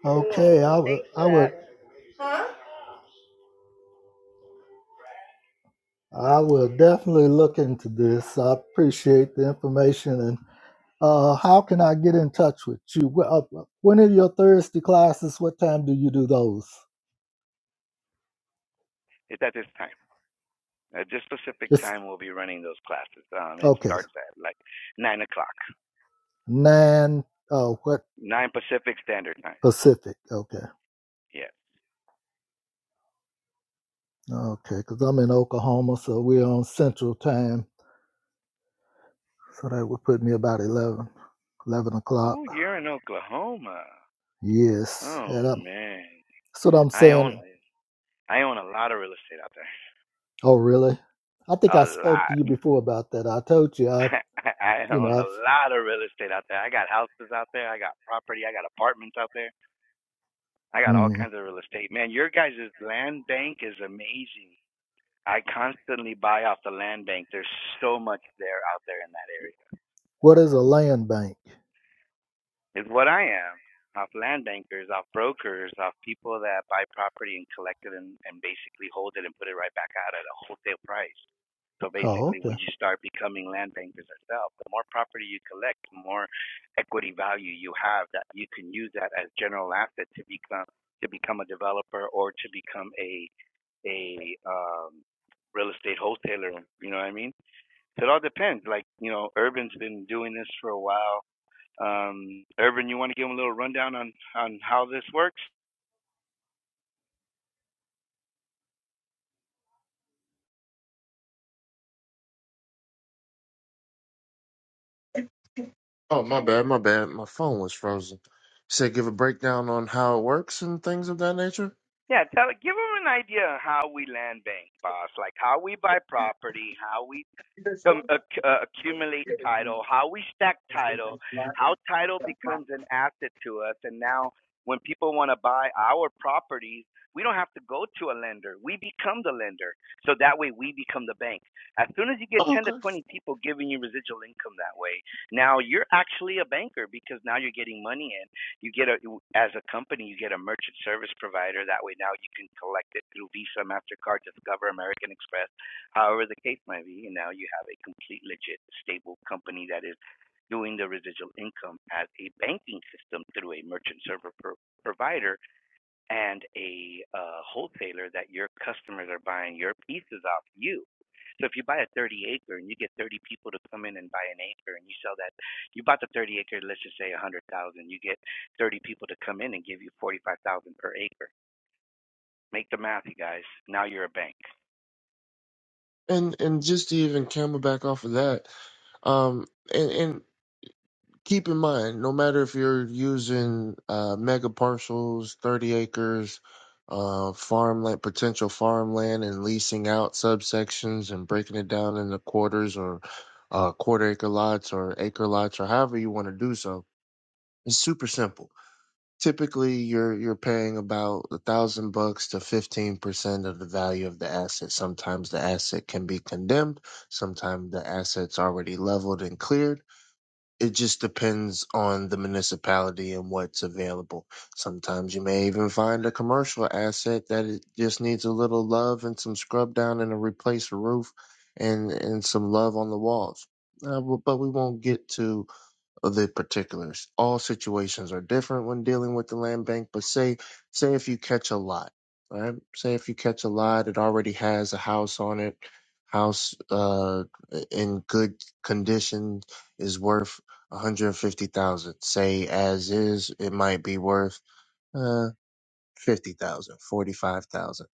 D: Okay,
E: Cool.
D: I would,
E: Thanks for
D: I
E: that.
D: would, I will definitely look into this. I appreciate the information. And uh, how can I get in touch with you? Wh- uh, When are your Thursday classes? What time do you do those?
A: It's at this time. At this specific
D: It's
A: time, we'll be running those classes. Um, it
D: okay.
A: starts at like nine o'clock,
D: Nine. Oh, what
A: nine Pacific Standard Time.
D: Pacific? Okay,
A: Yeah.
D: okay. Because I'm in Oklahoma, so we're on Central Time. So that would put me about 11, 11
A: Ooh,
D: o'clock.
A: you're in Oklahoma.
D: Yes,
A: Oh
D: and i
A: man,
D: that's what I'm
A: I own
D: saying.
A: I own a lot of real estate out there.
D: Oh, really? I think I
A: A
D: spoke to
A: lot.
D: you before about that. I told you, I,
A: I
D: you
A: own
D: know,
A: a
D: I've,
A: lot of real estate out there. I got houses out there. I got property. I got apartments out there. I got all
D: mm,
A: kinds of real estate. Man, your guys' land bank is amazing. I constantly buy off the land bank. There's so much there out there in that area.
D: what is a land bank?
A: is what I am off land bankers, off brokers, off people that buy property and collect it and, and basically hold it and put it right back out at a wholesale price. So
D: Oh,
A: basically,
D: okay.
A: we just start becoming land bankers ourselves. The more property you collect, the more equity value you have that you can use that as general asset to become to become a developer or to become a a um, real estate wholesaler. You know what I mean? So it all depends. Like you know, Urban's been doing this for a while um, Urban, you want to give them a little rundown on on how this works?
C: Oh, my bad, my bad. My phone was frozen. Said give a breakdown on how it works and things of that nature.
A: Yeah, tell give them an idea of how we land bank, boss. Like how we buy property, how we com- acc- uh, accumulate title, how we stack title, how title becomes an asset to us. And now, when people want to buy our properties, we don't have to go to a lender. We become the lender. So that way, we become the bank. As soon as you get
C: Oh,
A: 10 to
C: okay.
A: 20 people giving you residual income that way, now you're actually a banker because now you're getting money in. You get a, as a company, you get a merchant service provider. That way, now you can collect it through Visa, MasterCard, Discover, American Express However, the case might be, now you have a complete, legit, stable company that is doing the residual income as a banking system through a merchant server pro- provider and a uh, wholesaler that your customers are buying your pieces off you. So if you buy a 30 acre and you get 30 people to come in and buy an acre and you sell that, you bought the 30 acre, let's just say 100,000, you get 30 people to come in and give you 45,000 per acre. Make the math, you guys. Now you're a bank.
C: And and just to even camel back off of that, um, and, and keep in mind, no matter if you're using uh, mega parcels, 30 acres, uh, farmland, potential farmland, and leasing out subsections and breaking it down into quarters or uh, quarter acre lots or acre lots or however you want to do so, it's super simple. Typically, you're you're paying about a thousand bucks to fifteen percent of the value of the asset. Sometimes the asset can be condemned. Sometimes the asset's already leveled and cleared it just depends on the municipality and what's available. Sometimes you may even find a commercial asset that it just needs a little love and some scrub down and a replace a roof and and some love on the walls. Uh, but but we won't get to of the particulars. All situations are different when dealing with the land bank, but say say if you catch a lot, right? Say if you catch a lot, it already has a house on it, house uh in good condition is worth 150,000. Say as is, it might be worth uh, 50,000, 45,000,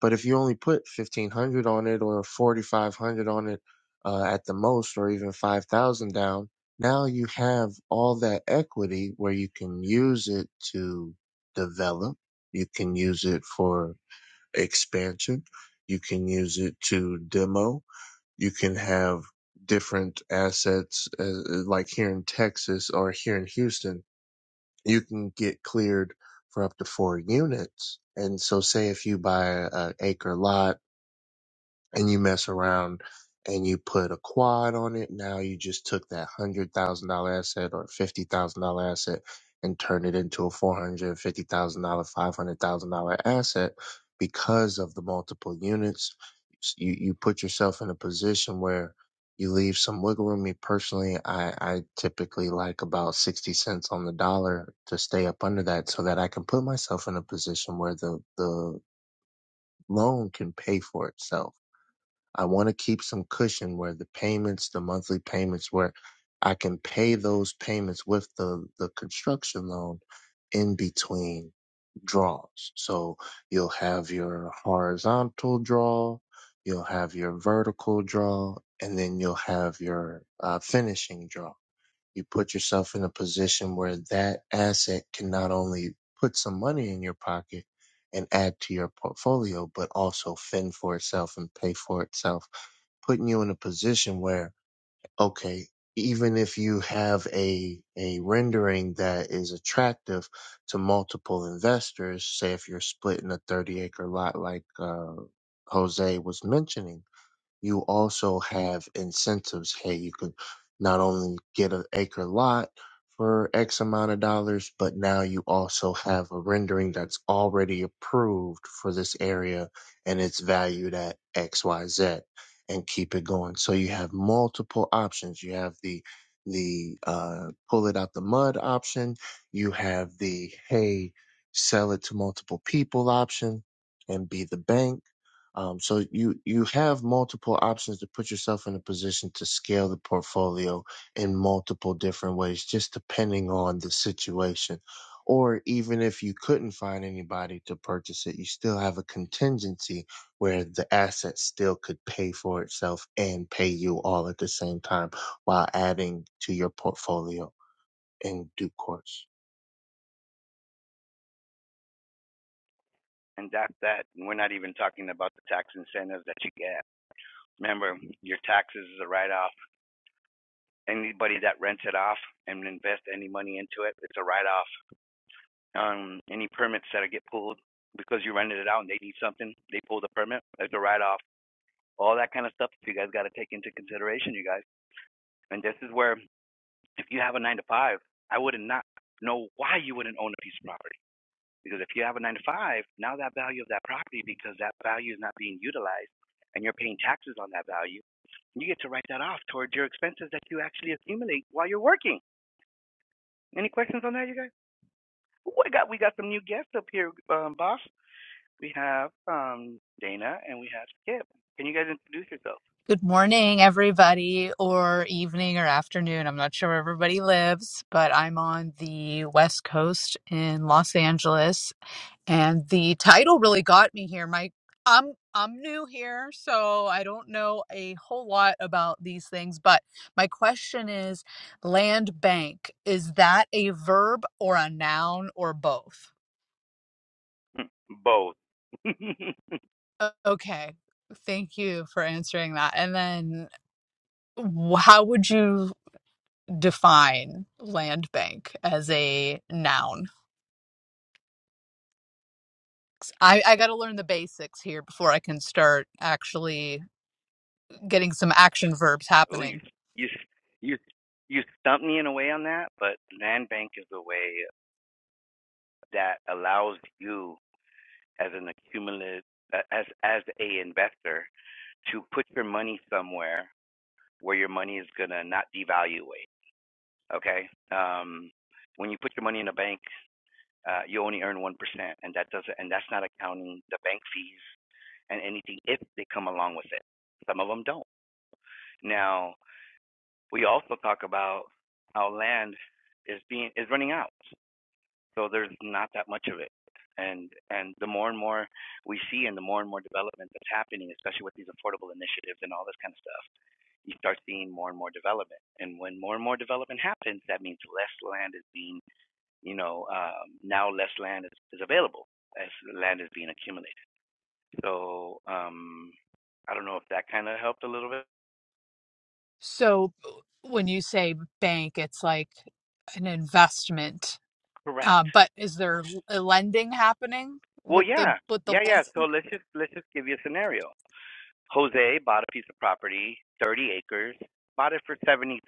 C: But if you only put 1500 on it or 4500 on it uh, at the most or even 5000 down, now you have all that equity where you can use it to develop, you can use it for expansion, you can use it to demo, you can have different assets uh, like here in Texas or here in Houston you can get cleared for up to four units. And so say if you buy an acre lot and you mess around and you put a quad on it. Now you just took that hundred thousand dollar asset or fifty thousand dollar asset and turned it into a four hundred fifty thousand dollar, five hundred thousand dollar asset because of the multiple units. You you put yourself in a position where you leave some wiggle room. Me personally, I, I typically like about 60 cents on the dollar to stay up under that so that I can put myself in a position where the, the loan can pay for itself I want to keep some cushion where the payments, the monthly payments, where I can pay those payments with the, the construction loan in between draws. So you'll have your horizontal draw, you'll have your vertical draw, and then you'll have your uh, finishing draw. You put yourself in a position where that asset can not only put some money in your pocket and add to your portfolio, but also fend for itself and pay for itself putting you in a position where, okay, even if you have a, a rendering that is attractive to multiple investors, say if you're splitting a 30 acre lot like, uh, Jose was mentioning, you also have incentives. Hey, you can not only get an acre lot for X amount of dollars, but now you also have a rendering that's already approved for this area and it's valued at XYZ and keep it going. So you have multiple options. You have the the uh, pull it out the mud option. You have the hey, sell it to multiple people option and be the bank um, so you you have multiple options to put yourself in a position to scale the portfolio in multiple different ways, just depending on the situation. Or even if you couldn't find anybody to purchase it, you still have a contingency where the asset still could pay for itself and pay you all at the same time while adding to your portfolio in due course.
A: and that's that. And we're not even talking about the tax incentives that you get. Remember, your taxes is a write off. Anybody that rents it off and invest any money into it, it's a write off. Um, any permits that get pulled because you rented it out and they need something, they pull the permit, it's a write off. All that kind of stuff you guys got to take into consideration, you guys. And this is where if you have a nine to five, I would not know why you wouldn't own a piece of property Because if you have a nine to five, now that value of that property, because that value is not being utilized and you're paying taxes on that value, you get to write that off towards your expenses that you actually accumulate while you're working. Any questions on that, you guys? Oh, I got we got some new guests up here, um, boss. We have um, Dana and we have Skip. Can you guys introduce yourselves?
F: Good morning, everybody, or evening or afternoon. I'm not sure where everybody lives, but I'm on the West Coast in Los Angeles, and the title really got me here. My I'm I'm new here, so I don't know a whole lot about these things, but my question is land bank, is that a verb or a noun or both?
A: Both.
F: O- Okay. Thank you for answering that. And then wh- how would you define land bank as a noun. I, I got to learn the basics here before I can start actually getting some action verbs
A: oh, you
F: happening.
A: you you you stumped me in a way on that, but land bank is a way that allows you. as an accumulative as as a investor to put your money somewhere where your money is gonna not devaluate. Okay, um, when you put your money in a bank, uh, you only earn one percent, and that doesn't and that's not accounting the bank fees and anything if they come along with it. Some of them don't. Now we also talk about how land is being is running out. So there's not that much of it. And and the more and more we see, and the more and more development that's happening, especially with these affordable initiatives and all this kind of stuff, you start seeing more and more development. And when more and more development happens, that means less land is being, you know, um, now less land is, is available as land is being accumulated. So um, I don't know if that kind of helped a little bit.
F: So when you say bank, it's like an investment. Uh,
A: Correct.
F: but is there a lending happening
A: Well,
F: with the
A: yeah,
F: with the
A: yeah,
F: land?
A: yeah. So let's just let's just give you a scenario. Jose bought a piece of property, 30 acres, bought it for 70,000,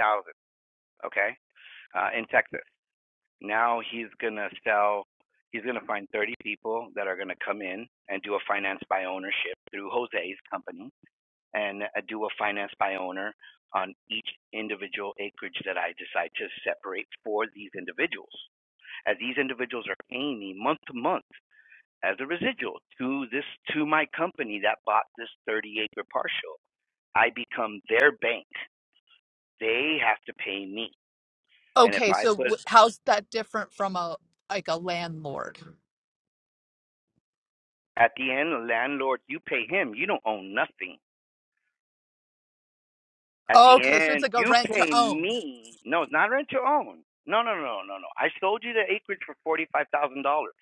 A: okay, uh, in Texas. Now he's gonna sell. He's gonna find 30 people that are gonna come in and do a finance by ownership through Jose's company and uh, do a finance by owner on each individual acreage that I decide to separate for these individuals. As these individuals are paying me month to month as a residual to this to my company that bought this 30 acre partial. I become their bank. They have to pay me. And if
F: Okay,
A: I
F: so
A: put
F: wh- how's that different from a like a landlord?
A: at the end, the landlord, you pay him, you don't own nothing. At the
F: Okay, so it's
A: end,
F: like a
A: you
F: rent to
A: pay
F: own.
A: me. No, it's not rent to own. No, no, no, no, no. I sold you the acreage for $45,000.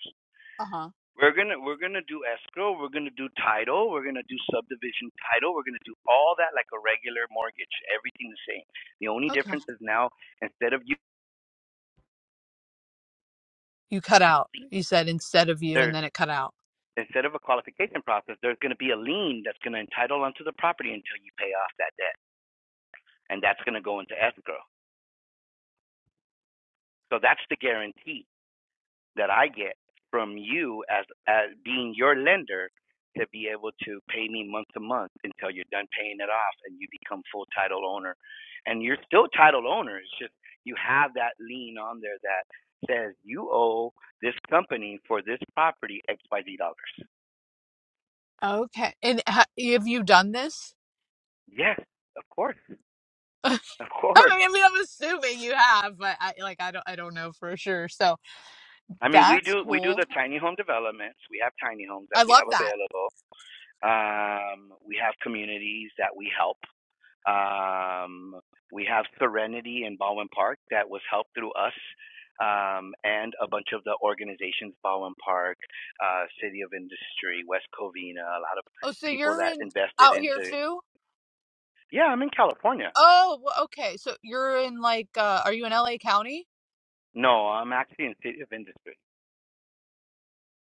F: Uh huh.
A: We're gonna we're gonna do escrow, we're gonna do title, we're gonna do subdivision title, we're gonna do all that like a regular mortgage, everything the same. The only
F: Okay.
A: difference is now instead of you
F: You cut out. You said instead of you,
A: there's
F: and then it cut out.
A: instead of a qualification process, there's gonna be a lien that's gonna entitle onto the property until you pay off that debt. And that's gonna go into escrow. So that's the guarantee. that I get from you as as being your lender to be able to pay me month to month until you're done paying it off and you become full title owner. And you're still title owner. It's just you have that lien on there that says you owe this company for this property XYZ dollars.
F: Okay. And ha- have you done this?
A: Yes, of course. Of course.
F: I mean, I mean, I'm assuming you have, but I like I don't I don't know for sure. So
A: I mean we
F: that's
A: do we do
F: cool.
A: the tiny home developments. We have tiny homes that
F: I
A: we
F: love
A: have
F: that.
A: available. Um we have communities that we help Um, we have Serenity in Baldwin Park that was helped through us um, and a bunch of the organizations, Baldwin Park, uh, City of Industry, West Covina, a lot of
F: Oh, so
A: people
F: you're
A: that
F: in
A: invested
F: out here
A: into.
F: too?
A: Yeah, I'm in California.
F: Oh, wh- okay. So you're in like uh are you in LA County?
A: No, I'm actually in City of Industry.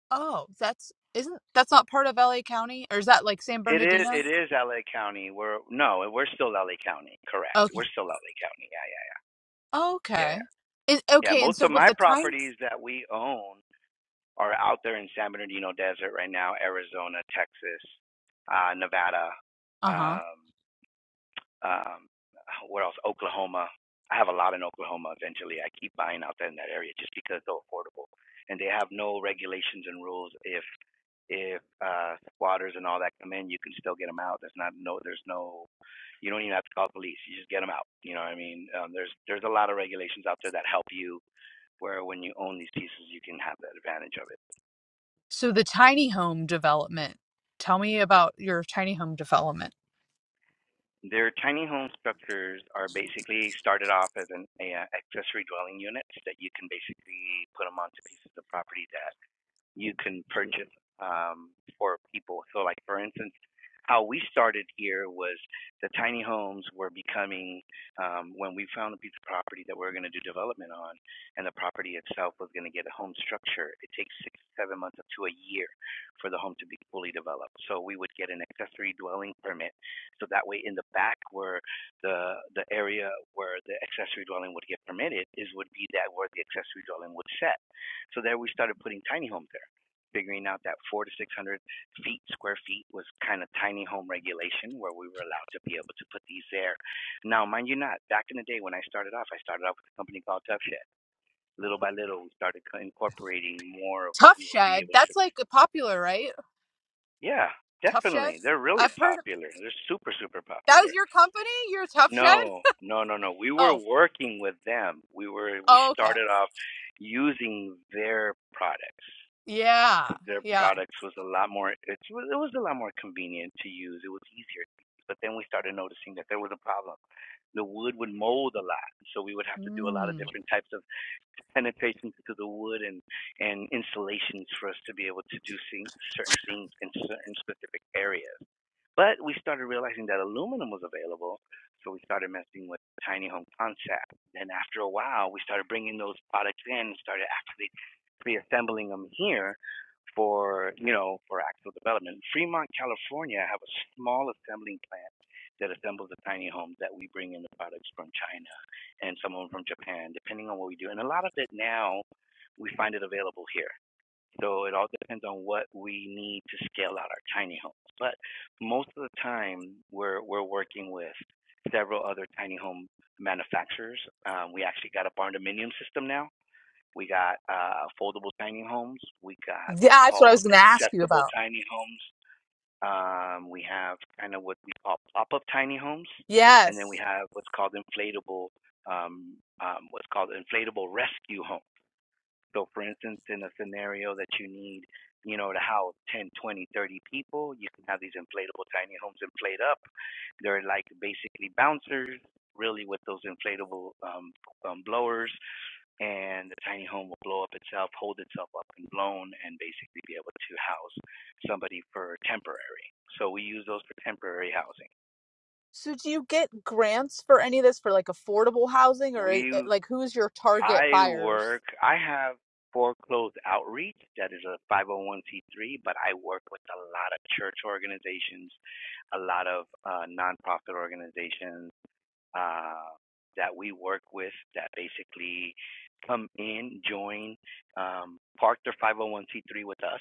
F: Oh, that's isn't that's not part of LA County or is that like San
A: It is
F: Bernardino?
A: it is LA County. We're no, we're still LA County. Correct.
F: Okay.
A: We're still LA County. Yeah, yeah, yeah, yeah,
F: Okay.
A: yeah.
F: Is
A: Yeah,
F: okay, and
A: most
F: so
A: of
F: with
A: my
F: the tiny
A: properties that we own are out there in San Bernardino Desert right now, Arizona, Texas, uh, Nevada,
F: Uh-huh.
A: um, um, where else? Oklahoma. I have a lot in Oklahoma. Eventually, I keep buying out there in that area just because they're affordable, and they have no regulations and rules. If if uh, squatters and all that come in, you can still get them out. There's not no. There's no. You don't even have to call police. You just get them out. You know what I mean? Um, there's there's a lot of regulations out there that help you. Where when you own these pieces, you can have that advantage of it.
F: So the tiny home development. Tell me about your tiny home development.
A: Their tiny home structures are basically started off as an a, uh, accessory dwelling units that you can basically put them onto pieces of property that you can purchase um, for people. So, like for instance, how we started here was the tiny homes were becoming um, when we found a piece of property that we were going to do development on, and the property itself was going to get a home structure. It takes six, seven months up to a year for the home to be fully developed. So we would get an accessory dwelling permit. So that way, in the back where the the area where the accessory dwelling would get permitted is would be that where the accessory dwelling would set. So there we started putting tiny homes there, figuring out that four to six hundred feet square feet was kind of tiny home regulation where we were allowed to be able to put these there. Now, mind you, not back in the day when I started off, I started off with a company called Tough Shed. Little by little, we started incorporating more of what
F: Tough
A: we were be
F: Shed.
A: able to.
F: That's like popular, right?
A: Yeah,
F: Tough Shed.
A: definitely, they're really
F: I've heard. of-
A: popular. They're super, super
F: That
A: popular.
F: was your company. Your Tough Shed.
A: No, no, no, no. We were
F: Oh.
A: working with them. We were we
F: oh okay.
A: started off using their products.
F: Yeah.
A: their
F: Yeah.
A: products was a lot more it was, it was a lot more convenient to use. It was easier. to use. But then we started noticing that there was a problem. The wood would mold a lot, so we would have to do a lot of
F: Mm.
A: different types of penetrations into the wood and and installations for us to be able to do certain things in certain specific areas. But we started realizing that aluminum was available, so we started messing with the tiny home concept. Then after a while, we started bringing those products in and started actually pre-assembling them here for you know for actual development. Fremont, California, have a small assembling plant that assembles the tiny homes that we bring in the products from China and someone from Japan, depending on what we do. And a lot of it now, we find it available here. So it all depends on what we need to scale out our tiny homes. But most of the time, we're we're working with several other tiny home manufacturers. Um, we actually got a barn dominium system now. We got uh, foldable tiny homes. We got what's
F: That's what I
A: called
F: was going to ask you
A: accessible
F: about.
A: tiny homes. Um, we have kind of what we call pop-up tiny homes, and then we
F: Yes.
A: have what's called inflatable, um, um, what's called inflatable rescue homes. So, for instance, in a scenario that you need, you know, to house 10, 20, 30 people, you can have these inflatable tiny homes inflate up. They're like basically bouncers, really, with those inflatable um, um, blowers and the tiny home will blow up itself, hold itself up and blown, and basically be able to house somebody for temporary. So we use those for temporary housing.
F: So, do you get grants for any of this for like affordable housing, or i- i-
A: We,
F: like who's your target
A: I
F: buyers?
A: work, I have foreclosed outreach that is a 501c3, but I work with a lot of church organizations, a lot of uh, nonprofit organizations uh, that we work with that basically come in, join, um, park their 501c3 with us,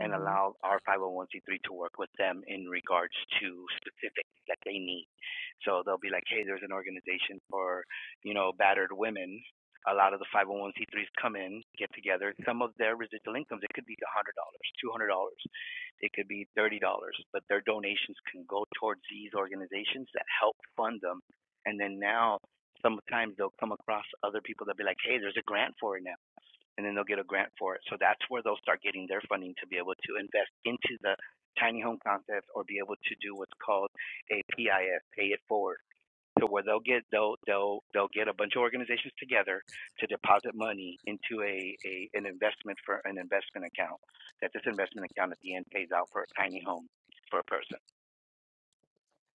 A: and allow our 501c3 to work with them in regards to specifics that they need. So they'll be like, hey, there's an organization for, you know, battered women. A lot of the 501c3s come in, get together. Some of their residual incomes, it could be $100, $200, it could be $30, but their donations can go towards these organizations that help fund them. And then now, sometimes they'll come across other people that'll be like, hey, there's a grant for it now and then they'll get a grant for it. So that's where they'll start getting their funding to be able to invest into the tiny home concept or be able to do what's called a PIF, pay it forward. So where they'll get they'll they'll they'll get a bunch of organizations together to deposit money into a, a an investment for an investment account. That this investment account at the end pays out for a tiny home for a person.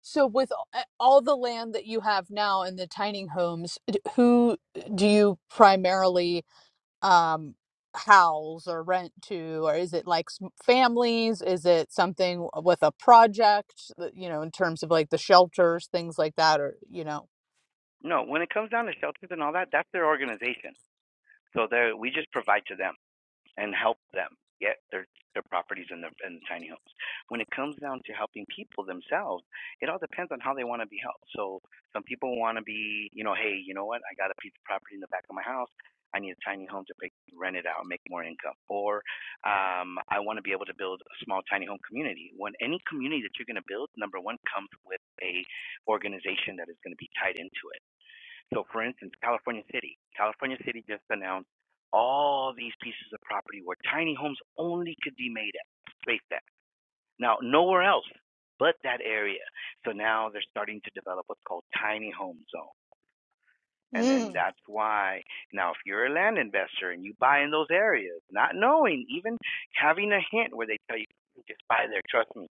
F: So with all the land that you have now in the tiny homes, who do you primarily um house or rent to or is it like families? Is it something with a project, you know, in terms of like the shelters, things like that or you know?
A: No, when it comes down to shelters and all that, that's their organization. So there we just provide to them. and help them get their their properties and their and tiny homes. When it comes down to helping people themselves, it all depends on how they want to be helped. So some people want to be, you know, hey, you know what? I got a piece of property in the back of my house. I need a tiny home to pay, rent it out, make more income. Or um, I want to be able to build a small tiny home community. When any community that you're going to build, number one comes with a organization that is going to be tied into it. So, for instance, California City. California City just announced all these pieces of property where tiny homes only could be made at, spaced at. Now, nowhere else but that area. So now they're starting to develop what's called tiny home zones. And then
F: Mm.
A: that's why now, if you're a land investor and you buy in those areas, not knowing, even having a hint where they tell you just buy there, trust me,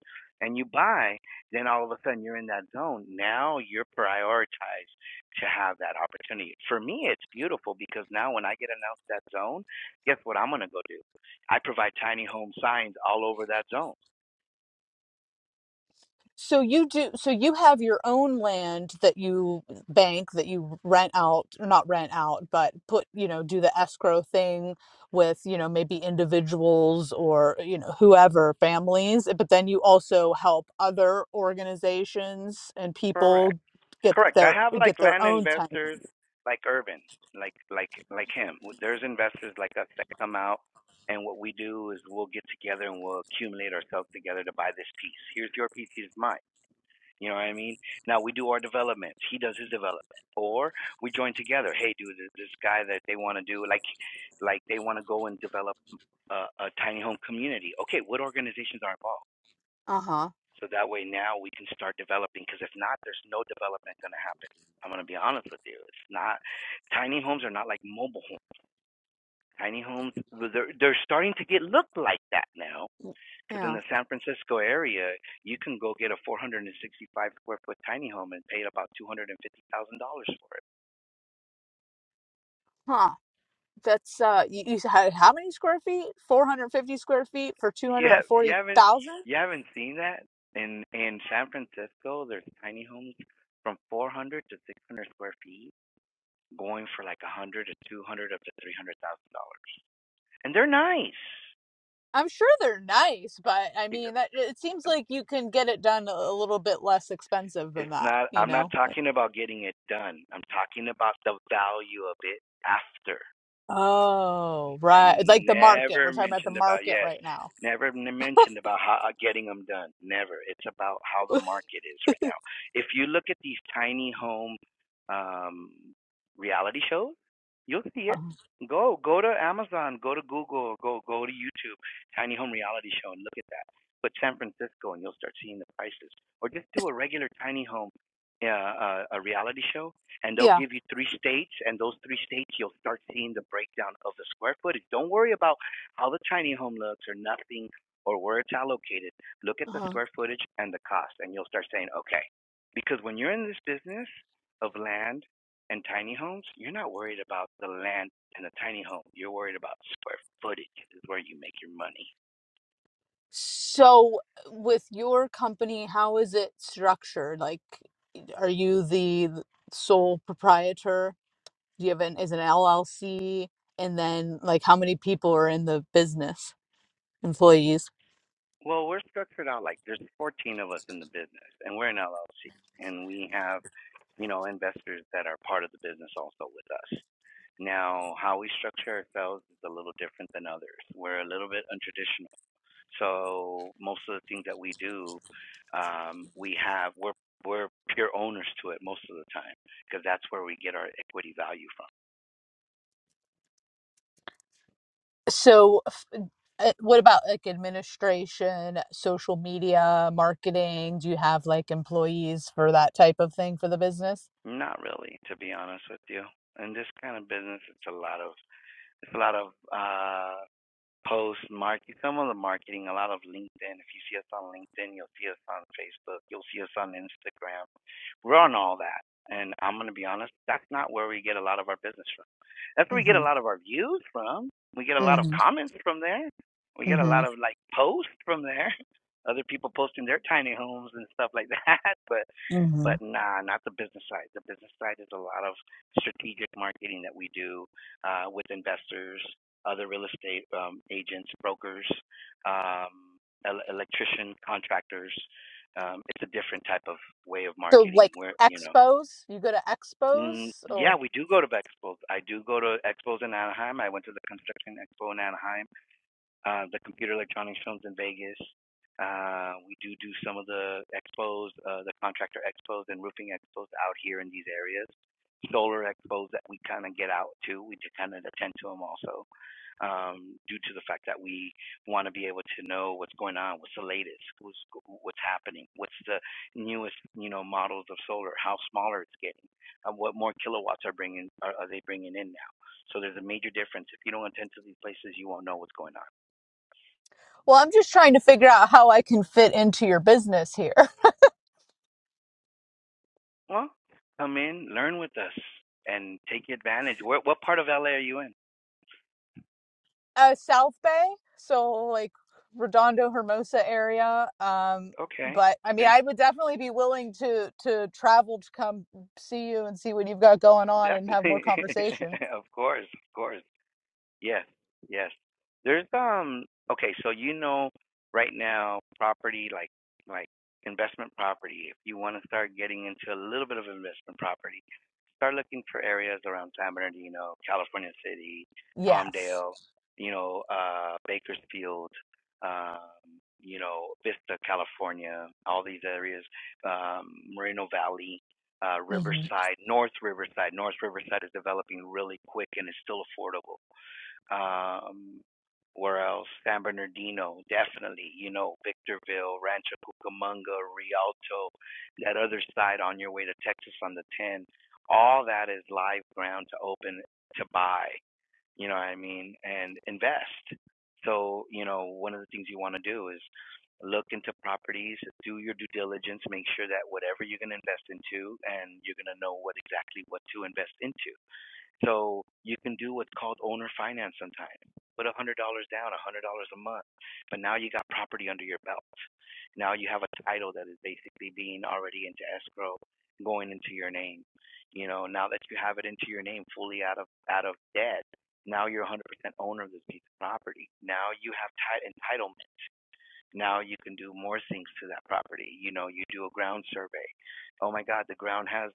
A: and you buy, then all of a sudden you're in that zone. Now you're prioritized to have that opportunity. For me, it's beautiful because now when I get announced that zone, guess what I'm going to go do? I provide tiny home signs all over that zone.
F: So you do, so you have your own land that you bank, that you rent out, or not rent out, but put, you know, do the escrow thing with, you know, maybe individuals or, you know, whoever, families. But then you also help other organizations and
A: Correct.
F: people get
A: Correct. I
F: their
A: have like
F: get their
A: land
F: own time.
A: investors like Urban, like like like him. There's investors like us that come out and what we do is we'll get together and we'll accumulate ourselves together to buy this piece. Here's your piece, here's mine. You know what I mean? Now we do our developments. He does his development. Or we join together. Hey dude, there's this guy that they want to do like like they want to go and develop a, a tiny home community. Okay, what organizations are involved?
F: Uh-huh.
A: So that way now we can start developing because if not, there's no development going to happen. I'm going to be honest with you. It's not, tiny homes are not like mobile homes. Tiny homes, they're, they're starting to get look like that now because in
F: Yeah.
A: the San Francisco area, you can go get a 465 square foot tiny home and pay about $250,000 for it.
F: Huh. That's uh you, you had how many square feet? 450 square feet for
A: You, have, you haven't,
F: 240,000?
A: you haven't seen that? In, in San Francisco, there's tiny homes from 400 to 600 square feet going for like a hundred or two hundred up to three hundred thousand dollars, and they're nice.
F: I'm sure they're nice, but I
A: They
F: mean,
A: really
F: that it seems
A: is.
F: like you can get it done a a little bit less expensive than
A: It's
F: that,
A: not.
F: you
A: I'm not
F: know? Like,
A: talking about getting it done. I'm talking about the value of it after.
F: oh,
A: I
F: right. It's Like the market.
A: never
F: We're talking about the
A: mentioned about
F: market
A: yes,
F: right now.
A: never mentioned about how uh, getting them done. Never. It's about how the market is right now. If you look at these tiny home um, reality shows, you'll see it.
F: Uh-huh.
A: Go go to Amazon, go to Google, go go to YouTube, tiny home reality show, and look at that. Put San Francisco, and you'll start seeing the prices. Or just do a regular tiny home, uh, uh, a reality show, and they'll
F: Yeah.
A: give you three states, and those three states you'll start seeing the breakdown of the square footage. Don't worry about how the tiny home looks or nothing or where it's allocated. Look at the
F: Uh-huh.
A: square footage and the cost, and you'll start saying, okay. Because when you're in this business of land and tiny homes, you're not worried about the land and the tiny home. You're worried about square footage is where you make your money.
F: So, with your company, how is it structured? Like, are you the sole proprietor? Do you have an is an LLC? And then, like, how many people are in the business? Employees.
A: Well, we're structured out like there's 14 of us in the business, and we're an LLC, and we have, you know, investors that are part of the business also with us. Now, how we structure ourselves is a little different than others. We're a little bit untraditional, so most of the things that we do, um, we have we're we're pure owners to it most of the time because that's where we get our equity value
F: So, uh, what about like administration, social media, marketing? Do you have like employees for that type of thing for the business?
A: from. Not really, to be honest with you. In this kind of business, it's a lot of it's a lot of uh post market some of the marketing, a lot of LinkedIn. If you see us on LinkedIn, you'll see us on Facebook, you'll see us on Instagram. We're on all that. And I'm gonna be honest, that's not where we get a lot of our business from. That's where we get a
F: hmm
A: lot of our views from. We get a lot of
F: hmm
A: comments from there. We get a
F: hmm
A: lot of like posts from there. Other people posting their tiny homes and stuff like that. But
F: hmm
A: but nah, not the business side. The business side is a lot of strategic marketing that we do uh, with investors other real estate um, agents, brokers, um, electrician contractors. Um, it's a different type of way of
F: So
A: marketing.
F: like
A: Where you know,
F: expos, you go to
A: mm,
F: expos
A: yeah,
F: or
A: we do go to expos. I do go to expos in Anaheim. I went to the construction expo in Anaheim uh, the Computer Electronics Films in Vegas. Uh, we do do some of the expos, uh, the contractor expos and roofing expos out here in these areas. Solar expos that we kind of get out to, we kind of attend to them also, um, due to the fact that we want to be able to know what's going on, what's the latest, who's, what's happening, what's the newest, you know, models of solar, how smaller it's getting, and what more kilowatts are bringing, are, are they bringing in now? So there's a major difference. If you don't attend to these places, you won't know what's going on.
F: well, I'm just trying to figure out how I can fit into your business here.
A: Well, come in, learn with us, and take advantage. Where, what part of LA are you in?
F: Uh, South Bay, so like Redondo Hermosa area. Um,
A: Okay,
F: but I mean,
A: okay,
F: I would definitely be willing to to travel to come see you and see what you've got going on and have more
A: definitely,
F: conversation.
A: of course, of course. Yes, yes. There's um okay, so you know right now property like like investment property. If you want to start getting into a little bit of investment property, start looking for areas around San Bernardino, California City,
F: Yes.
A: Palmdale, you know, uh Bakersfield, um, you know, Vista, California, all these areas, um, Moreno Valley, uh
F: hmm
A: Riverside, North Riverside. North Riverside is developing really quick and it's still affordable um, where else? San Bernardino, definitely. You know, Victorville, Rancho Cucamonga, Rialto, that other side on your way to Texas on the 10. All that is live ground to open, to buy, you know what I mean, and invest. So, you know, one of the things you want to do is look into properties, do your due diligence, make sure that whatever you're going to invest into and you're going to know what exactly what to invest into so you can do what's called owner finance sometime. Put a hundred dollars down, a hundred dollars a month. But now you got property under your belt. Now you have a title that is basically being already into escrow, going into your name. You know, now that you have it into your name fully out of out of debt, now you're one hundred percent owner of this piece of property. Now you have ti- entitlement. Now you can do more things to that property. You know, you do a ground survey. Oh my God, the ground has,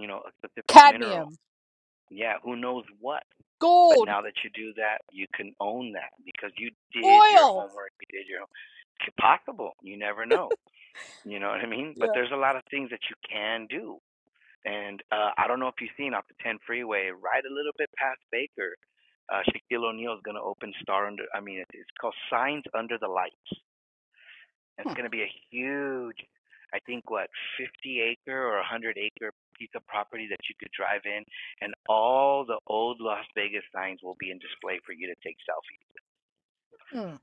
A: you know, a specific mineral.
F: cadmium,
A: Yeah, who knows what? But
F: gold,
A: now that you do that, you can own that because you did your
F: oil.
A: homework. You did your home. It's possible. You never know. You know what I mean? But
F: Yeah.
A: there's a lot of things that you can do. And uh, I don't know if you've seen off the 10 freeway, right a little bit past Baker, uh, Shaquille O'Neal is going to open Star Under. I mean, it's called Signs Under the Lights. It's
F: Hmm.
A: going to be a huge, I think, what, 50 acre or 100 acre piece of property that you could drive in, and all the old Las Vegas signs will be in display for you to take selfies.
F: Hmm.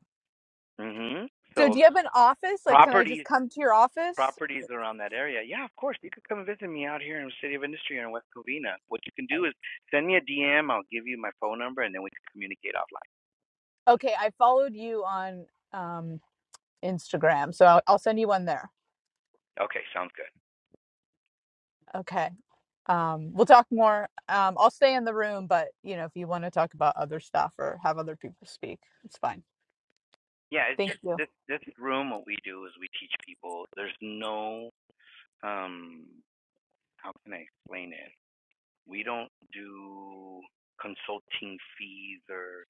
A: hmm
F: So
A: So
F: do you have an office? Like, can I just
A: properties,
F: come to your office?
A: properties around that area. Yeah, of course, you could come visit me out here in the City of Industry or in West Covina. What you can
F: Uh,
A: do is send me a DM. I'll give you my phone number, and then we can communicate offline.
F: Okay, I followed you on um, Instagram, so I'll, I'll send you one there.
A: Okay, sounds good.
F: Okay. Um, we'll talk more. Um, I'll stay in the room, but you know, if you want to talk about other stuff or have other people speak, it's fine.
A: Yeah, it's
F: Thank
A: just
F: you.
A: this this room. What we do is we teach people. There's no um how can I explain it? We don't do consulting fees or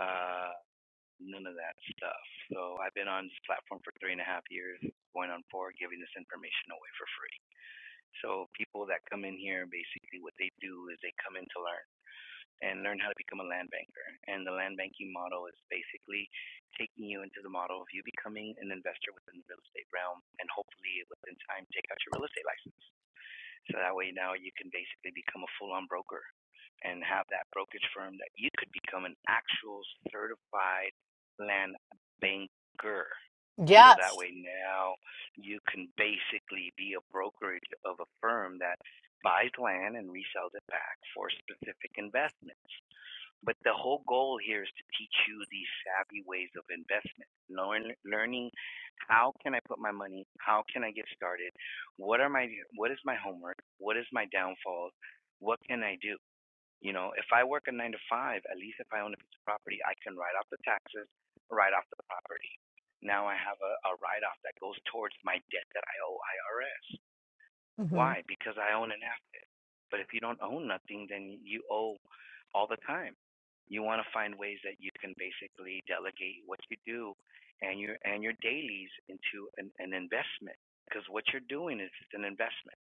A: uh, none of that stuff. So I've been on this platform for three and a half years, going on four, giving this information away for free. So people that come in here, basically what they do is they come in to learn and learn how to become a land banker. And the land banking model is basically taking you into the model of you becoming an investor within the real estate realm and hopefully within time take out your real estate license. So that way now you can basically become a full on broker and have that brokerage firm that you could become an actual certified land banker. So that
F: Yes.
A: way now you can basically be a brokerage of a firm that buys land and resells it back for specific investments. But the whole goal here is to teach you these savvy ways of investment, learn, learning how can I put my money, how can I get started, what are my what is my homework, what is my downfall? what can I do? You know, if I work a nine to five, at least if I own a piece of property, I can write off the taxes, write off the property. Now I have a, a write off that goes towards my debt that I owe IRS.
F: hmm
A: Why? Because I own an asset. But if you don't own nothing, then you owe all the time. You want to find ways that you can basically delegate what you do and your and your dailies into an, an investment because what you're doing is it's an investment.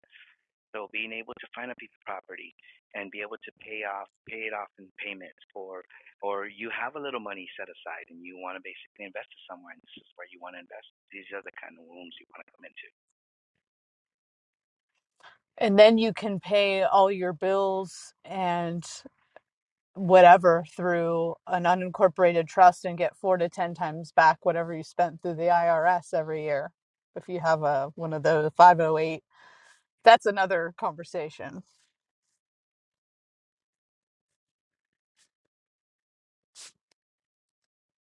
A: So being able to find a piece of property and be able to pay off pay it off in payments or or you have a little money set aside and you want to basically invest it somewhere and this is where you want to invest. These are the kind of rooms you want to come into.
F: and then you can pay all your bills and whatever through an unincorporated trust and get four to ten times back whatever you spent through the IRS every year if you have a one of those 508 that's another conversation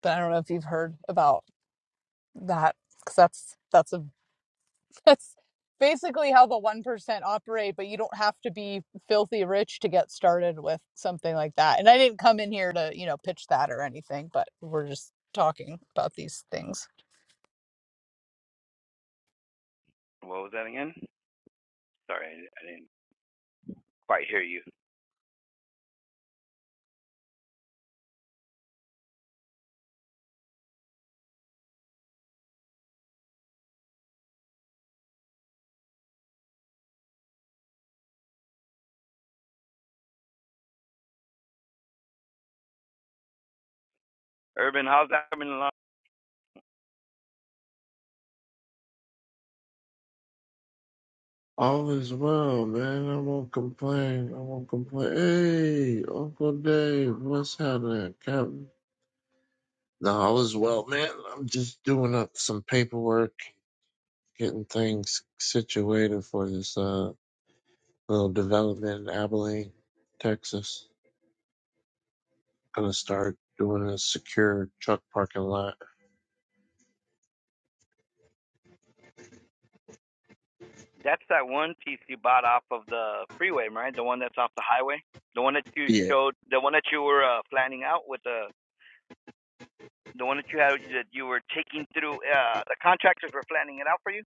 F: but I don't know if you've heard about that because that's that's a That's basically how the 1% operate, but you don't have to be filthy rich to get started with something like that. And I didn't come in here to, you know, pitch that or anything, but we're just talking about these things.
A: What was that again? Sorry, I didn't quite hear you. Urban, how's that coming along?
C: All is well, man. I won't complain. I won't complain. Hey, Uncle Dave, what's happening, Captain? No, all is well, man. I'm just doing up some paperwork, getting things situated for this uh little development in Abilene, Texas. Gonna start doing a secure truck parking lot.
A: That's that one piece you bought off of the freeway, right? The one that's off the highway, the one that you
C: Yeah,
A: showed, the one that you were uh, planning out with the, the one that you had that you were taking through. Uh, the contractors were planning it out for you.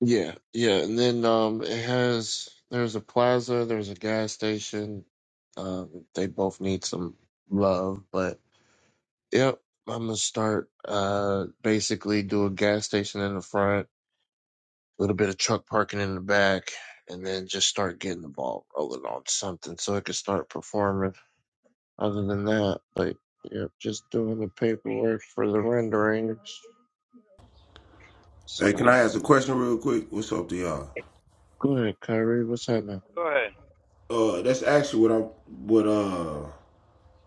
C: yeah, yeah. And then um, it has there's a plaza, there's a gas station. Um, they both need some love, but. Yep. I'm gonna start uh basically do a gas station in the front, a little bit of truck parking in the back, and then just start getting the ball rolling on something so it can start performing. Other than that, like yep, just doing the paperwork for the renderings.
G: Hey, can I
C: So,
G: ask a question real quick? What's up to y'all?
C: go ahead, Kyrie. What's happening?
A: Go ahead.
G: Uh, that's actually what I'm, what uh,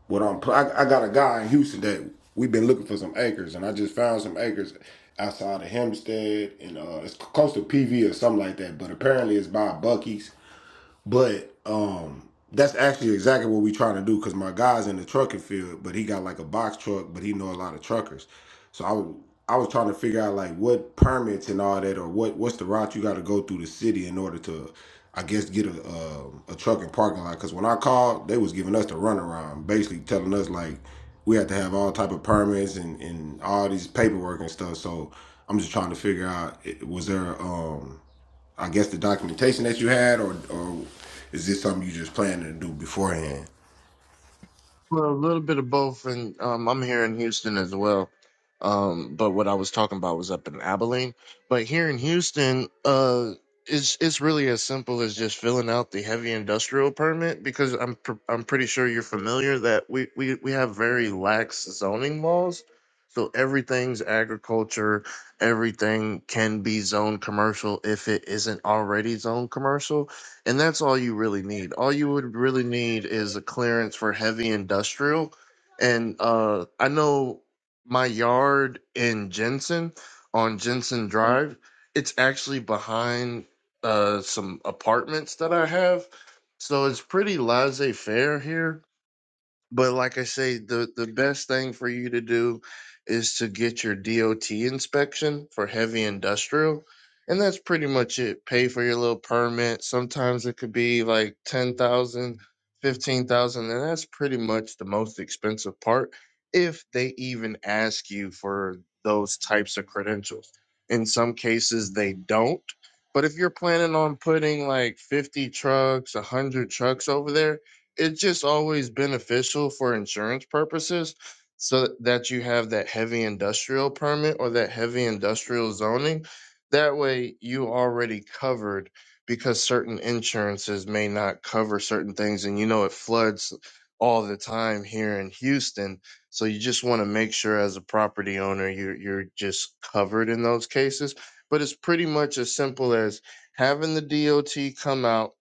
G: what I'm. pl- I, I got a guy in Houston that we've been looking for some acres, and I just found some acres outside of Hempstead, and uh, it's close to PV or something like that. But apparently, it's by Bucky's, But um, that's actually exactly what we're trying to do because my guy's in the trucking field, but he got like a box truck, but he know a lot of truckers. So I was was trying to figure out like what permits and all that, or what what's the route you got to go through the city in order to, I guess, get a um a trucking parking lot. Because when I called, they was giving us the runaround, basically telling us like we had to have all type of permits and and all these paperwork and stuff. So I'm just trying to figure out eh, was there um I guess the documentation that you had, or or is this something you just planning to do beforehand?
C: Well, a little bit of both, and um, I'm here in Houston as well. Um, but what I was talking about was up in Abilene. But here in Houston, uh, it's it's really as simple as just filling out the heavy industrial permit because I'm pr- I'm pretty sure you're familiar that we we we have very lax zoning laws. So everything's agriculture, everything can be zoned commercial if it isn't already zoned commercial. And that's all you really need. All you would really need is a clearance for heavy industrial. And uh, I know my yard in Jensen on Jensen Drive, it's actually behind uh, some apartments that I have. So it's pretty laissez faire here but like I say, the the best thing for you to do is to get your DOT inspection for heavy industrial, and that's pretty much it. Pay for your little permit. Sometimes it could be like ten thousand, fifteen thousand, and that's pretty much the most expensive part if they even ask you for those types of credentials. In some cases they don't. But if you're planning on putting like 50 trucks, 100 trucks over there, it's just always beneficial for insurance purposes so that you have that heavy industrial permit or that heavy industrial zoning that way you already covered because certain insurances may not cover certain things and you know it floods all the time here in Houston so you just want to make sure as a property owner you're you're just covered in those cases but it's pretty much as simple as having the DOT come out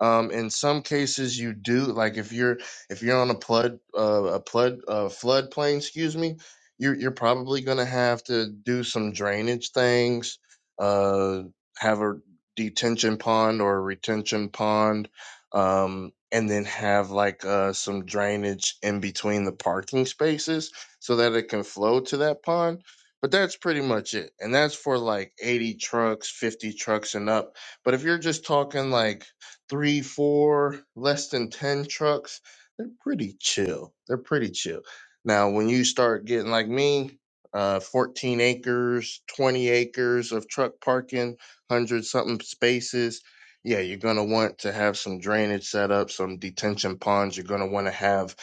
C: um, in some cases, you do like if you're if you're on a flood uh, a flood uh, floodplain, excuse me, you're you're probably going to have to do some drainage things, uh, have a detention pond or a retention pond, um, and then have like uh, some drainage in between the parking spaces so that it can flow to that pond. But that's pretty much it, and that's for like eighty trucks, fifty trucks, and up. But if you're just talking like three, four, less than 10 trucks, they're pretty chill. They're pretty chill. Now, when you start getting like me, uh, 14 acres, 20 acres of truck parking, 100 something spaces, yeah, you're going to want to have some drainage set up, some detention ponds. You're going to want to have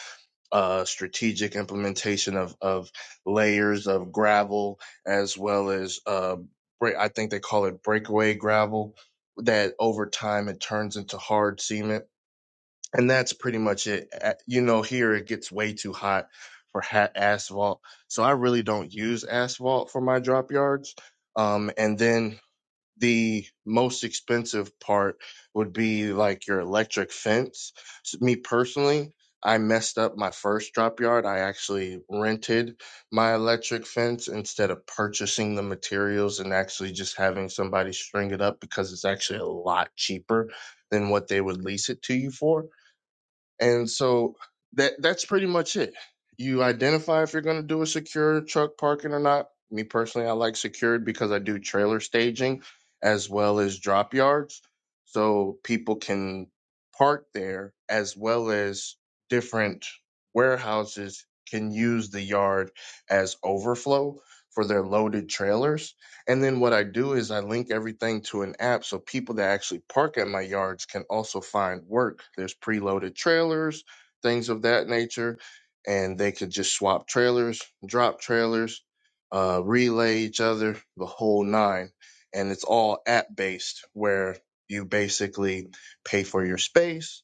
C: uh, strategic implementation of, of layers of gravel as well as uh, break, I think they call it breakaway gravel that over time it turns into hard cement. And that's pretty much it. A- You know, here it gets way too hot for ha- asphalt. So I really don't use asphalt for my drop yards. Um, and then the most expensive part would be like your electric fence. S- me personally, I messed up my first drop yard. I actually rented my electric fence instead of purchasing the materials and actually just having somebody string it up because it's actually a lot cheaper than what they would lease it to you for and so that that's pretty much it. You identify if you're going to do a secure truck parking or not. Me personally, I like secured because I do trailer staging as well as drop yards. So people can park there as well as different warehouses can use the yard as overflow for their loaded trailers and then what I do is I link everything to an app so people that actually park at my yards can also find work. There's preloaded trailers, things of that nature, and they could just swap trailers, drop trailers, uh, relay each other, the whole nine. And it's all app based where you basically pay for your space,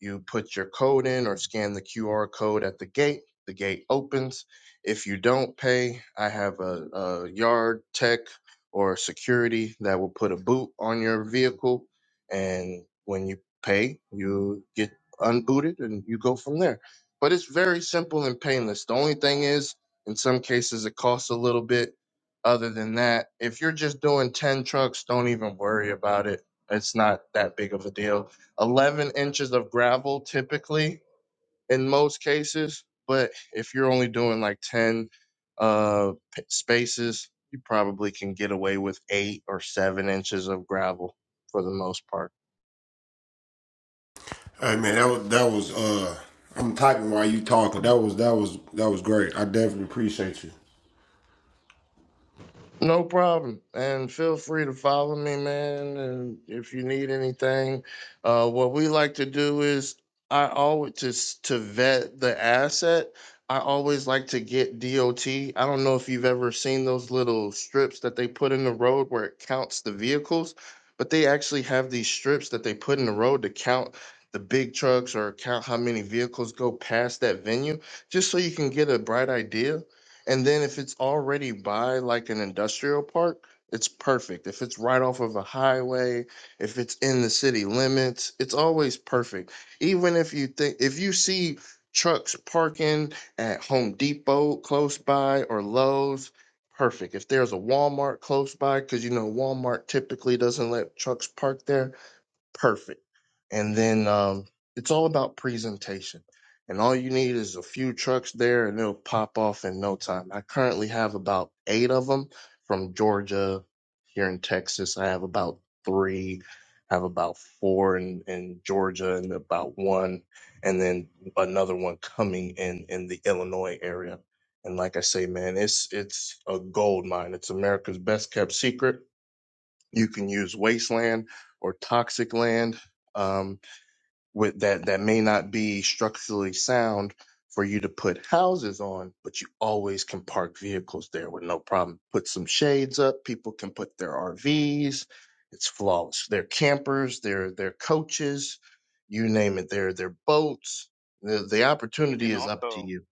C: you put your code in or scan the QR code at the gate, the gate opens. If you don't pay, I have a, a yard tech or security that will put a boot on your vehicle. And when you pay, you get unbooted and you go from there. But it's very simple and painless. The only thing is, in some cases, it costs a little bit. Other than that, if you're just doing 10 trucks, don't even worry about it. It's not that big of a deal. 11 inches of gravel typically in most cases. But if you're only doing like 10 uh, p- spaces, you probably can get away with eight or seven inches of gravel for the most part.
G: Hey man, that was that was. Uh, I'm typing while you talking. That was that was that was great. I definitely appreciate you.
C: No problem. And feel free to follow me, man. And if you need anything, uh, what we like to do is I always just to vet the asset. I always like to get DOT. I don't know if you've ever seen those little strips that they put in the road where it counts the vehicles, but they actually have these strips that they put in the road to count the big trucks or count how many vehicles go past that venue, just so you can get a bright idea and then if it's already by like an industrial park, it's perfect. If it's right off of a highway, if it's in the city limits, it's always perfect. Even if you think if you see trucks parking at Home Depot close by or Lowe's, perfect. If there's a Walmart close by cuz you know Walmart typically doesn't let trucks park there, perfect. And then um, it's all about presentation. And all you need is a few trucks there and it'll pop off in no time. I currently have about eight of them from Georgia here in Texas. I have about three, I have about four in, in Georgia and about one, and then another one coming in in the Illinois area. And like I say, man, it's it's a gold mine. It's America's best kept secret you can use wasteland or toxic land um, with that that may not be structurally sound for you to put houses on, but you always can park vehicles there with no problem. Put some shades up. People can put their RVs. It's flawless. Their campers, their their coaches, you name it. Their their boats. The the
A: You
C: opportunity
A: can
C: is up to
A: also
C: you.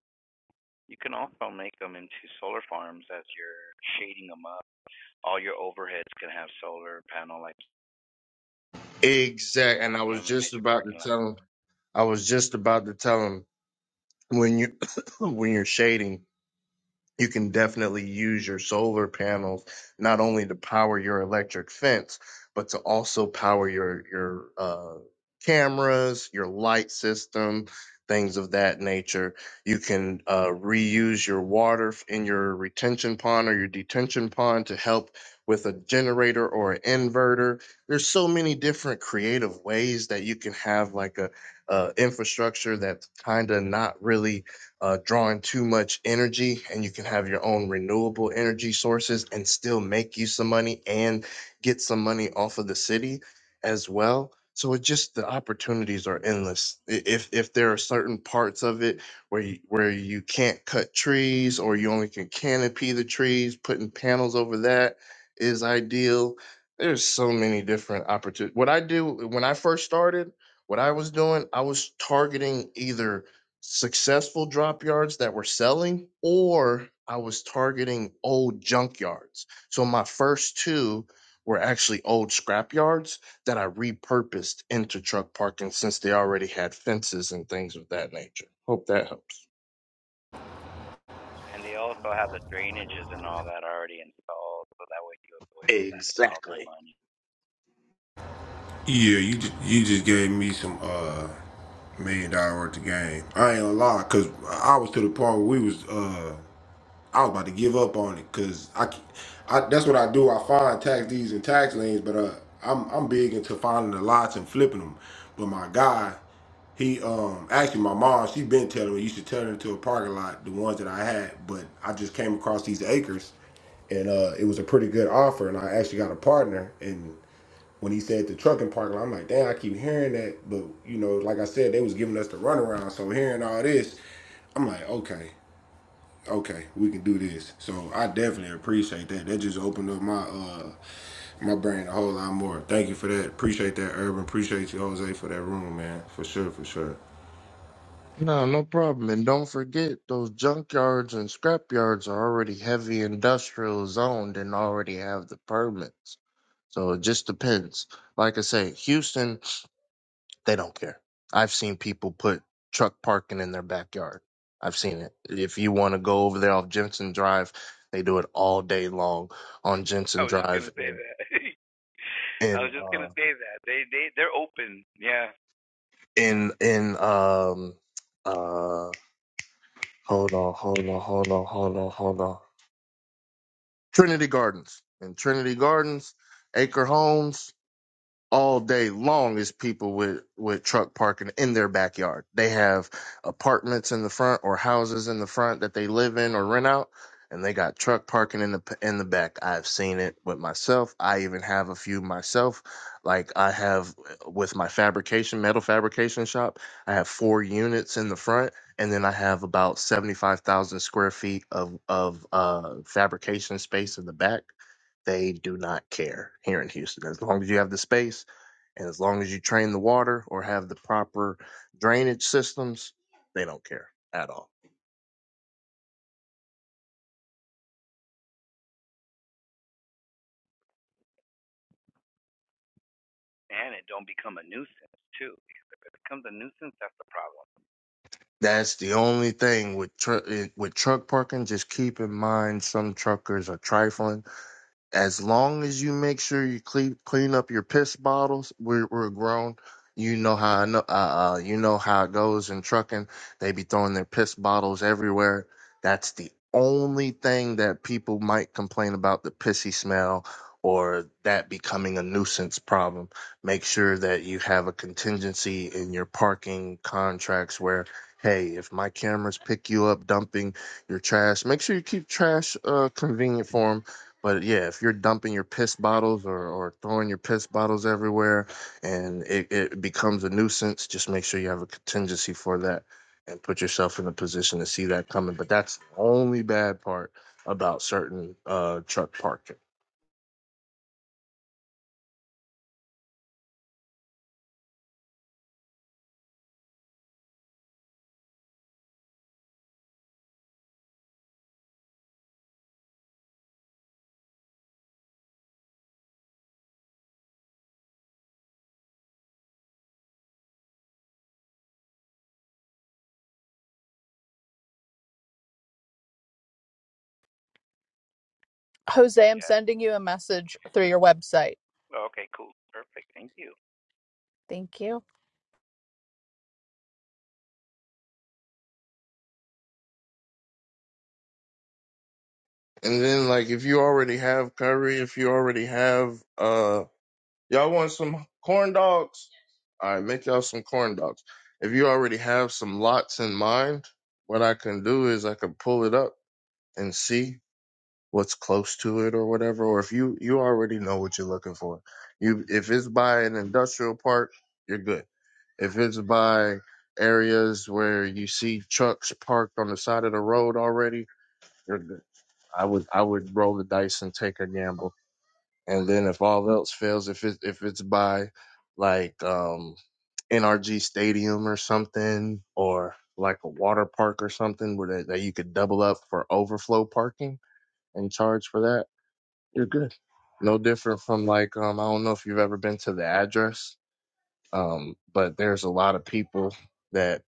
A: you can also make them into solar farms as you're shading them up. All your overheads can have solar panel, like like
C: Exact. And I
A: you
C: was
A: know, in a
C: just
A: major
C: about to
A: parking lot.
C: tell him. I was just about to tell him when you when you're shading you can definitely use your solar panels not only to power your electric fence, but to also power your your uh, cameras, your light system, things of that nature. You can uh, reuse your water f- in your retention pond or your detention pond to help with a generator or an inverter. There's so many different creative ways that you can have like a, a infrastructure that's kind of not really uh, drawing too much energy, and you can have your own renewable energy sources and still make you some money and get some money off of the city as well. So it just the opportunities are endless. I- If if there are certain parts of it where you, where you can't cut trees or you only can canopy the trees, putting panels over that is ideal. There's so many different opportunities. What I do when I first started, what I was doing, I was targeting either successful drop yards that were selling, or I was targeting old junk yards. So my first two were actually old scrap yards that I repurposed into truck parking since they already had fences and things of that nature. Hope that helps.
A: And they also have the drainages and all that already installed, so that way you avoid all that all that
C: Exactly.
A: money.
G: Yeah, you just you just gave me some uh million dollar worth of game. I ain't gonna lie, cause I was to the point where we was uh I was about to give up on it because I, c- I- that's what I do. I find tax deeds and tax liens, but uh, I'm I'm big into finding the lots and flipping them. But my guy, he um actually my mom, she been telling me you should turn it into a parking lot, the ones that I had. But I just came across these acres, and uh, it was a pretty good offer, and I actually got a partner. And when he said the trucking parking lot, I'm like, damn, I keep hearing that, but you know, like I said, they was giving us the runaround. So hearing all this, I'm like, okay okay, we can do this. So I definitely appreciate that. That just opened up my uh my brain a whole lot more. Thank you for that. Appreciate that, Urban. Appreciate you, Jose, for that room, man. For sure, for sure.
C: No, no problem. And don't forget, those junk yards and scrap yards are already heavy industrial zoned and already have the permits. So it just depends. Like I say, Houston They don't care. I've seen people put truck parking in their backyard. I've seen it. If you want to go over there off Jensen Drive, they do it all day long on
A: I
C: Jensen
A: was just
C: Drive
A: gonna say
C: in
A: that. I
C: in
A: was just
C: uh
A: gonna say that they they they're open, yeah.
C: in in um uh hold on, hold on, hold on, hold on, hold on. Trinity Gardens. In Trinity Gardens, Acre Homes, all day long is people with with truck parking in their backyard. They have apartments in the front or houses in the front that they live in or rent out, and they got truck parking in the in the back. I've seen it with myself. I even have a few myself. Like I have uh, with my fabrication metal fabrication shop, I have four units in the front, and then I have about seventy five thousand square feet of of uh, fabrication space in the back. They do not care here in Houston. As long as you have the space and as long as you train the water or have the proper drainage systems, they don't care at all.
A: And it don't become a nuisance too. If it becomes a nuisance, that's the problem.
C: That's the only thing with tr- with truck parking. Just keep in mind some truckers are trifling as long as you make sure you clean clean up your piss bottles, we're we're grown. You know how I know. Uh, uh, you know how it goes in trucking. They be throwing their piss bottles everywhere. That's the only thing that people might complain about the pissy smell or that becoming a nuisance problem. Make sure that you have a contingency in your parking contracts where, hey, if my cameras pick you up dumping your trash, make sure you keep trash uh, convenient for 'em but yeah, if you're dumping your piss bottles or, or throwing your piss bottles everywhere and it, it becomes a nuisance, just make sure you have a contingency for that and put yourself in a position to see that coming. But that's the only bad part about certain uh, truck parking.
F: Jose, I'm
A: Yes.
F: sending you a message through your website.
A: Well, okay, cool, perfect. Thank you.
F: Thank you.
C: And then, like, if you already have curry, if you already have, uh, y'all want some corn dogs? All right, make y'all some corn dogs. If you already have some lots in mind, what I can do is I can pull it up and see. what's close to it or whatever or if you you already know what you're looking for you if it's by an industrial park you're good if it's by areas where you see trucks parked on the side of the road already you're good i would i would roll the dice and take a gamble and then if all else fails if it if it's by like um nrg stadium or something or like a water park or something where that, that you could double up for overflow parking and charge for that you're good no different from like um I don't know if you've ever been to the address, um, but there's a lot of people that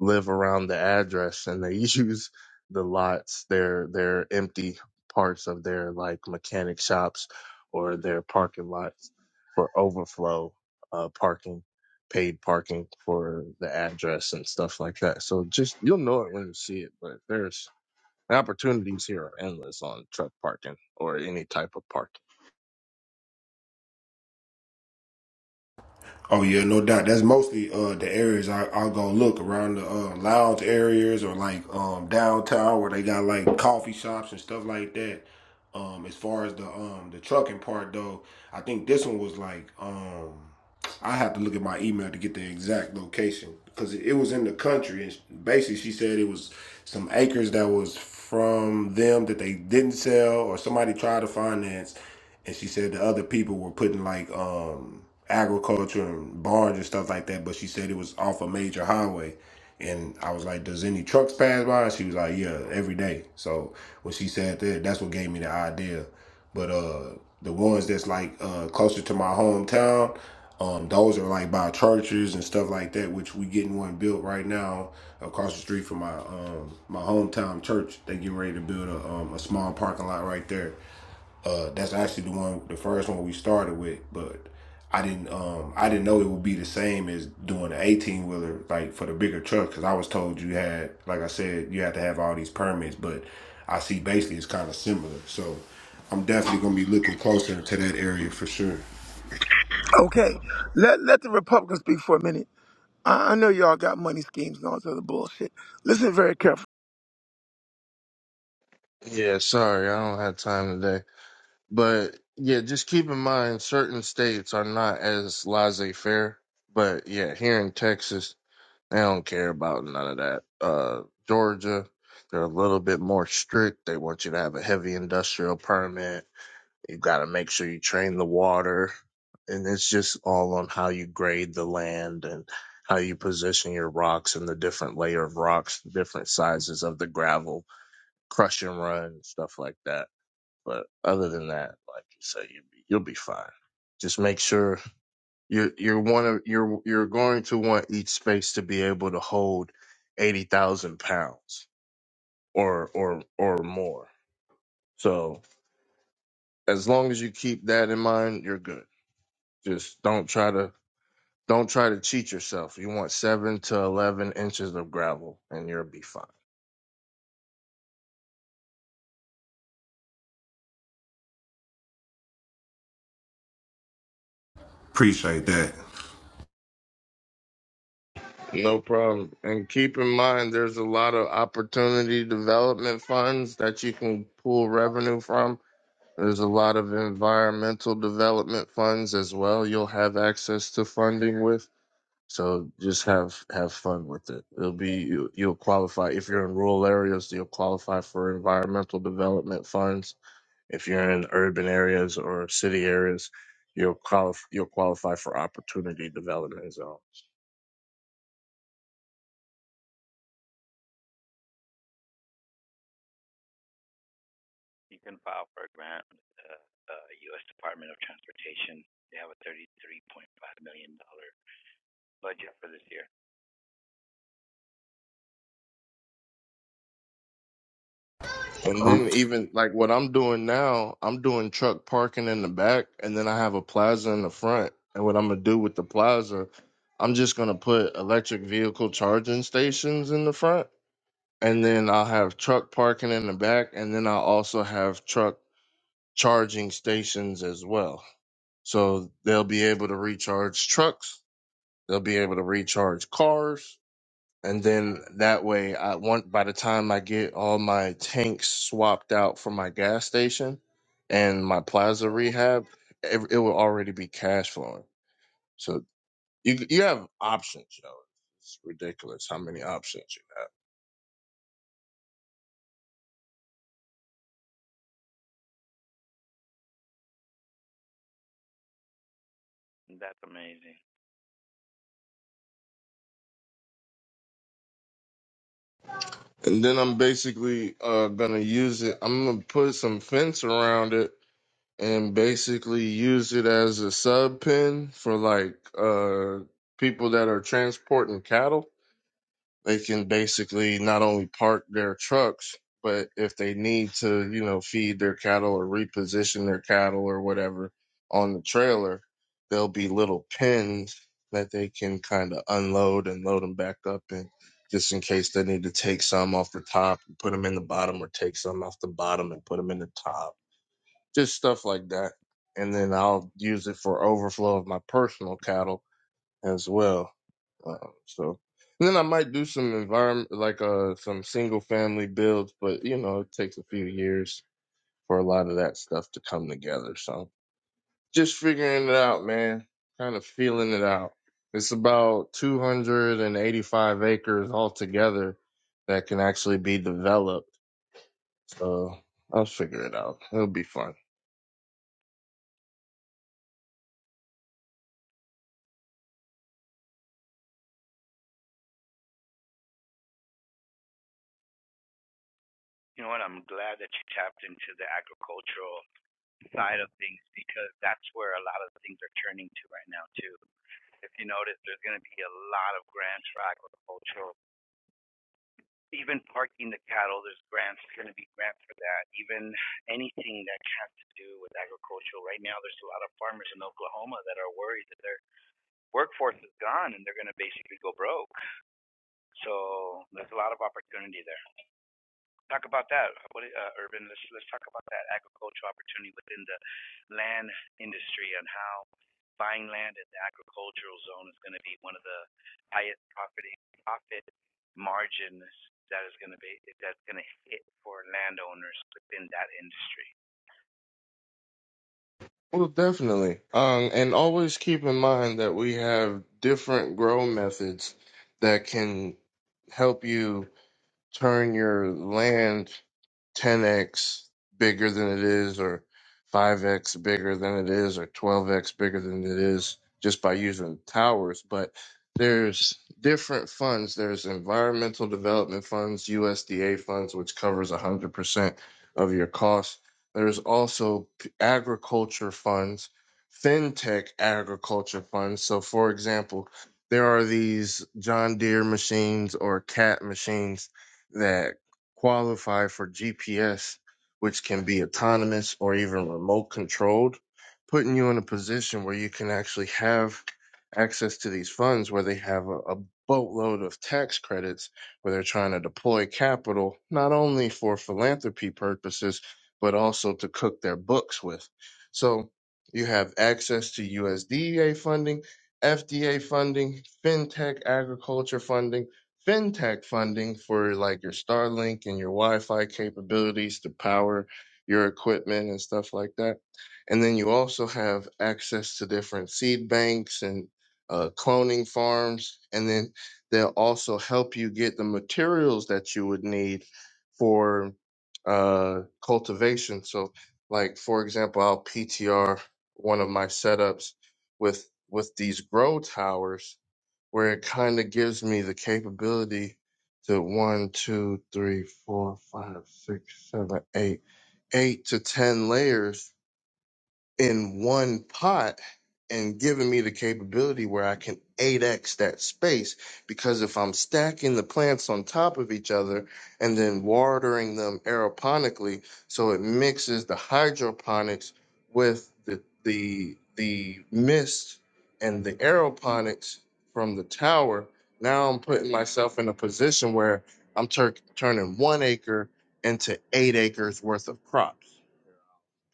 C: live around the address and they use the lots, their their empty parts of their like mechanic shops or their parking lots for overflow uh parking, paid parking for the address and stuff like that. So just you'll know it when you see it, but there's opportunities here are endless on truck parking or any type of parking.
G: Oh yeah, no doubt. That's mostly uh the areas I I'll go look around the uh, lounge areas or like um downtown where they got like coffee shops and stuff like that. Um, as far as the um the trucking part though, I think this one was like um I have to look at my email to get the exact location because it, it was in the country and sh- basically she said it was some acres that was from them that they didn't sell or somebody tried to finance and she said the other people were putting like um agriculture and barns and stuff like that but she said it was off a major highway and i was like does any trucks pass by she was like yeah every day so when she said that that's what gave me the idea but uh the ones that's like uh closer to my hometown um those are like by churches and stuff like that which we getting one built right now across the street from my um my hometown church they getting ready to build a um a small parking lot right there uh, that's actually the one, the first one we started with, but I didn't, um, I didn't know it would be the same as doing an eighteen wheeler, like for the bigger truck, because I was told you had, like I said, you had to have all these permits, but I see basically it's kind of similar. So I'm definitely gonna be looking closer to that area for sure.
H: Okay, let let the Republicans speak for a minute. I, I know y'all got money schemes and all this other bullshit. Listen very carefully.
C: Yeah, sorry, I don't have time today. But yeah, just keep in mind certain states are not as laissez faire. But yeah, here in Texas, they don't care about none of that. Uh, Georgia, they're a little bit more strict. They want you to have a heavy industrial permit. You got to make sure you train the water. And it's just all on how you grade the land and how you position your rocks and the different layer of rocks, the different sizes of the gravel, crush and run, stuff like that. But other than that, like you say, you'll be you'll be fine. Just make sure you're you're one of you're you're going to want each space to be able to hold eighty thousand pounds or or or more. So as long as you keep that in mind, you're good. Just don't try to don't try to cheat yourself. You want seven to eleven inches of gravel, and you'll be fine.
G: Appreciate that.
C: No problem. And keep in mind, there's a lot of opportunity development funds that you can pull revenue from There's a lot of environmental development funds as well. You'll have access to funding with, so just have have fun with it. It'll be you, you'll qualify if you're in rural areas. You'll qualify for environmental development funds. If you're in urban areas or city areas, you'll qualify you'll qualify for opportunity development zone.
A: You can file for a grant with the uh, U.S. Department of Transportation. They have a thirty-three point five million dollar budget for this year.
C: And
G: I'm
C: then even like what I'm doing now, I'm doing truck parking in the back, and then I have a plaza in the front. And what I'm gonna do with the plaza, I'm just gonna put electric vehicle charging stations in the front, and then I'll have truck parking in the back, and then I'll also have truck charging stations as well. So they'll be able to recharge trucks, they'll be able to recharge cars, and then that way I want by the time I get all my tanks swapped out for my gas station and my plaza rehab, it, it will already be cash flowing. So you you have options, yo. It's ridiculous how many options you
A: That's amazing.
C: have. And then I'm basically uh, gonna use it. I'm gonna put some fence around it and basically use it as a sub pen for like uh people that are transporting cattle they can basically not only park their trucks, but if they need to, you know, feed their cattle or reposition their cattle or whatever on the trailer, there'll be little pens that they can kind of unload and load them back up in just in case they need to take some off the top and put them in the bottom or take some off the bottom and put them in the top, just stuff like that. And then I'll use it for overflow of my personal cattle as well. Um, so, and then I might do some environment, like uh, some single family builds, but you know, it takes a few years for a lot of that stuff to come together. So, just figuring it out, man. Kind of feeling it out. It's about 285 acres altogether that can actually be developed. So, I'll figure it out. It'll be fun.
A: You know what? I'm glad that you tapped into the agricultural side of things because that's where a lot of things are turning to right now too. If you notice, there's going to be a lot of grants for agricultural, even parking the cattle. There's grants going to be grants for that. Even anything that has to do with agricultural. Right now, there's a lot of farmers in Oklahoma that are worried that their workforce is gone and they're going to basically go broke. So there's a lot of opportunity there. talk about that. What, uh, Urban? Let's let's talk about that agricultural opportunity within the land industry and how buying land in the agricultural zone is going to be one of the highest property profit margins that is going to be that's going to hit for landowners within that industry.
C: Well, definitely. Um, and always keep in mind that we have different grow methods that can help you turn your land 10x bigger than it is, or 5x bigger than it is, or 12x bigger than it is just by using towers. But there's different funds. There's environmental development funds, USDA funds, which covers 100% of your costs. There's also agriculture funds, fintech agriculture funds. So, for example, there are these John Deere machines or CAT machines that qualify for GPS, which can be autonomous or even remote controlled, putting you in a position where you can actually have access to these funds where they have a, a boatload of tax credits where they're trying to deploy capital not only for philanthropy purposes but also to cook their books with. So you have access to USDA funding, FDA funding, fintech agriculture funding, fintech funding for like your Starlink and your Wi-Fi capabilities to power your equipment and stuff like that. And then you also have access to different seed banks and uh, cloning farms. And then They'll also help you get the materials that you would need for uh, cultivation. So, like for example, I'll PTR one of my setups with with these grow towers, where it kind of gives me the capability to one, two, three, four, five, six, seven, eight, eight to ten layers in one pot and giving me the capability where I can 8x that space. Because if I'm stacking the plants on top of each other and then watering them aeroponically, so it mixes the hydroponics with the the the mist and the aeroponics from the tower, now I'm putting myself in a position where I'm tur- turning one acre into eight acres worth of crops.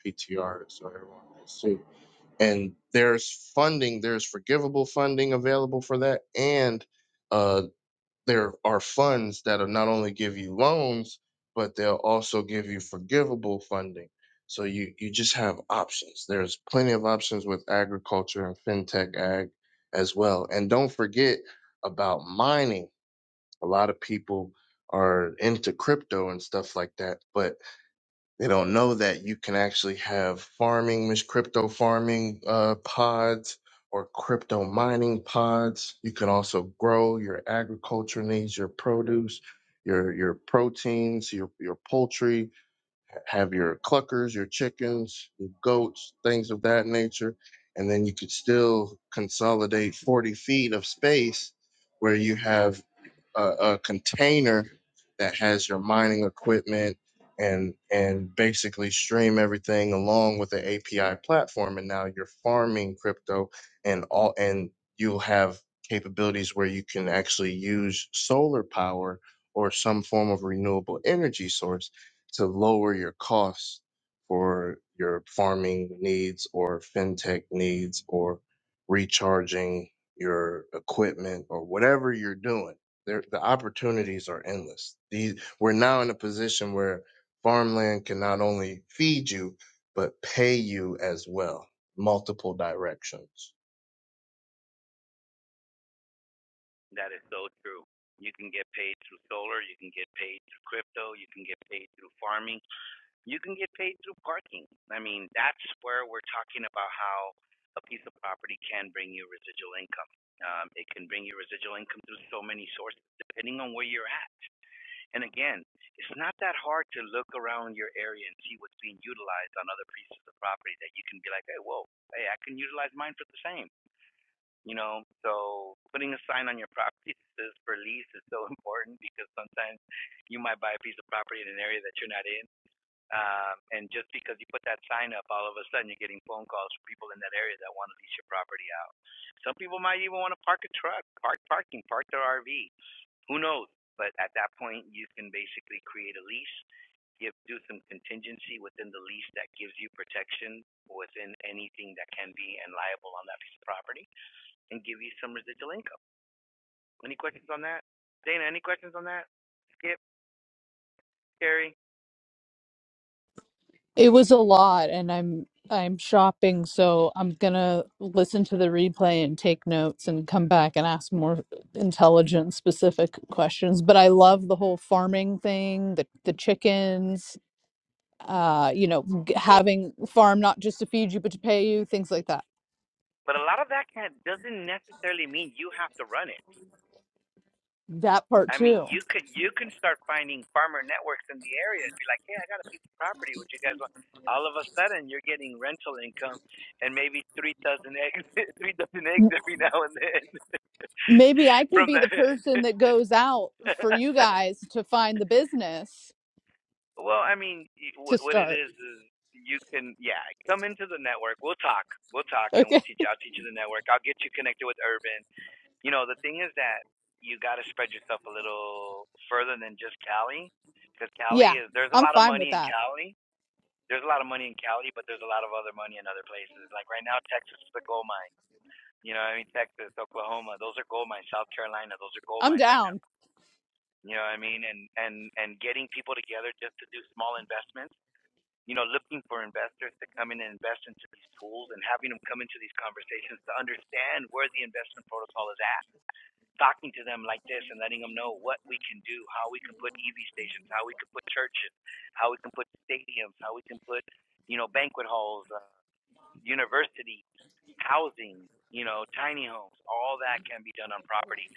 C: PTR, so everyone can see and there's funding there's forgivable funding available for that and uh, there are funds that'll not only give you loans but they'll also give you forgivable funding so you you just have options there's plenty of options with agriculture and fintech ag as well and don't forget about mining a lot of people are into crypto and stuff like that but they don't know that you can actually have farming, mis- crypto farming uh, pods or crypto mining pods. You can also grow your agriculture needs, your produce, your your proteins, your your poultry. Have your cluckers, your chickens, your goats, things of that nature, and then you could still consolidate forty feet of space where you have a, a container that has your mining equipment and and basically stream everything along with the API platform and now you're farming crypto and all and you'll have capabilities where you can actually use solar power or some form of renewable energy source to lower your costs for your farming needs or fintech needs or recharging your equipment or whatever you're doing there, the opportunities are endless. These, we're now in a position where farmland can not only feed you, but pay you as well, multiple directions.
A: That is so true. You can get paid through solar. You can get paid through crypto. You can get paid through farming you can get paid through parking. I mean, that's where we're talking about how a piece of property can bring you residual income. Um, it can bring you residual income through so many sources, depending on where you're at. And again, it's not that hard to look around your area and see what's being utilized on other pieces of property that you can be like, hey, whoa, hey, I can utilize mine for the same. You know, so putting a sign on your property that says for lease is so important because sometimes you might buy a piece of property in an area that you're not in um, and just because you put that sign up, all of a sudden you're getting phone calls from people in that area that want to lease your property out. Some people might even want to park a truck, park parking, park their RV. Who knows? But at that point, you can basically create a lease, give do some contingency within the lease that gives you protection within anything that can be and liable on that piece of property, and give you some residual income. Any questions on that? Dana, any questions on that? Skip, Terry,
F: It was a lot, and I'm I'm shopping, so I'm gonna listen to the replay and take notes and come back and ask more intelligent, specific questions. But I love the whole farming thing, the the chickens, uh, you know, g-
A: Well.
F: having farm not just to feed you but to pay you, things like that.
A: But a lot of that can doesn't necessarily mean you have to run it.
F: That part
A: I mean,
F: too.
A: you could you can start finding farmer networks in the area and be like, hey, I got a piece of property. Would you guys want? All of a sudden, you're getting rental income and maybe three dozen eggs, three dozen eggs every now and then
F: Maybe I could
A: from
F: be
A: the.
F: the person that goes out for you guys to find the business
A: well, I mean, y-
F: to
A: wh- what it
F: start.
A: is is you can yeah come into the network. We'll talk. We'll talk and
F: Okay.
A: we'll teach. I'll teach you the network. I'll get you connected with Urban You know, the thing is that you got to spread yourself a little further than just Cali, because
F: Yeah,
A: Cali is there's a
F: I'm
A: lot of
F: fine
A: money
F: with
A: in
F: that.
A: Cali. There's a lot of money in Cali, but there's a lot of other money in other places. Like right now, Texas is a gold mine. You know, what I mean, Texas, Oklahoma, those are gold mines. South Carolina, those are gold
F: I'm
A: mines right now.
F: down.
A: You know what I mean? And and and getting people together just to do small investments. You know, looking for investors to come in and invest into these pools, and having them come into these conversations to understand where the investment protocol is at talking to them like this and letting them know what we can do, how we can put EV stations, how we can put churches, how we can put stadiums, how we can put, you know, banquet halls, uh, universities, housing, you know, tiny homes. All that can be done on property.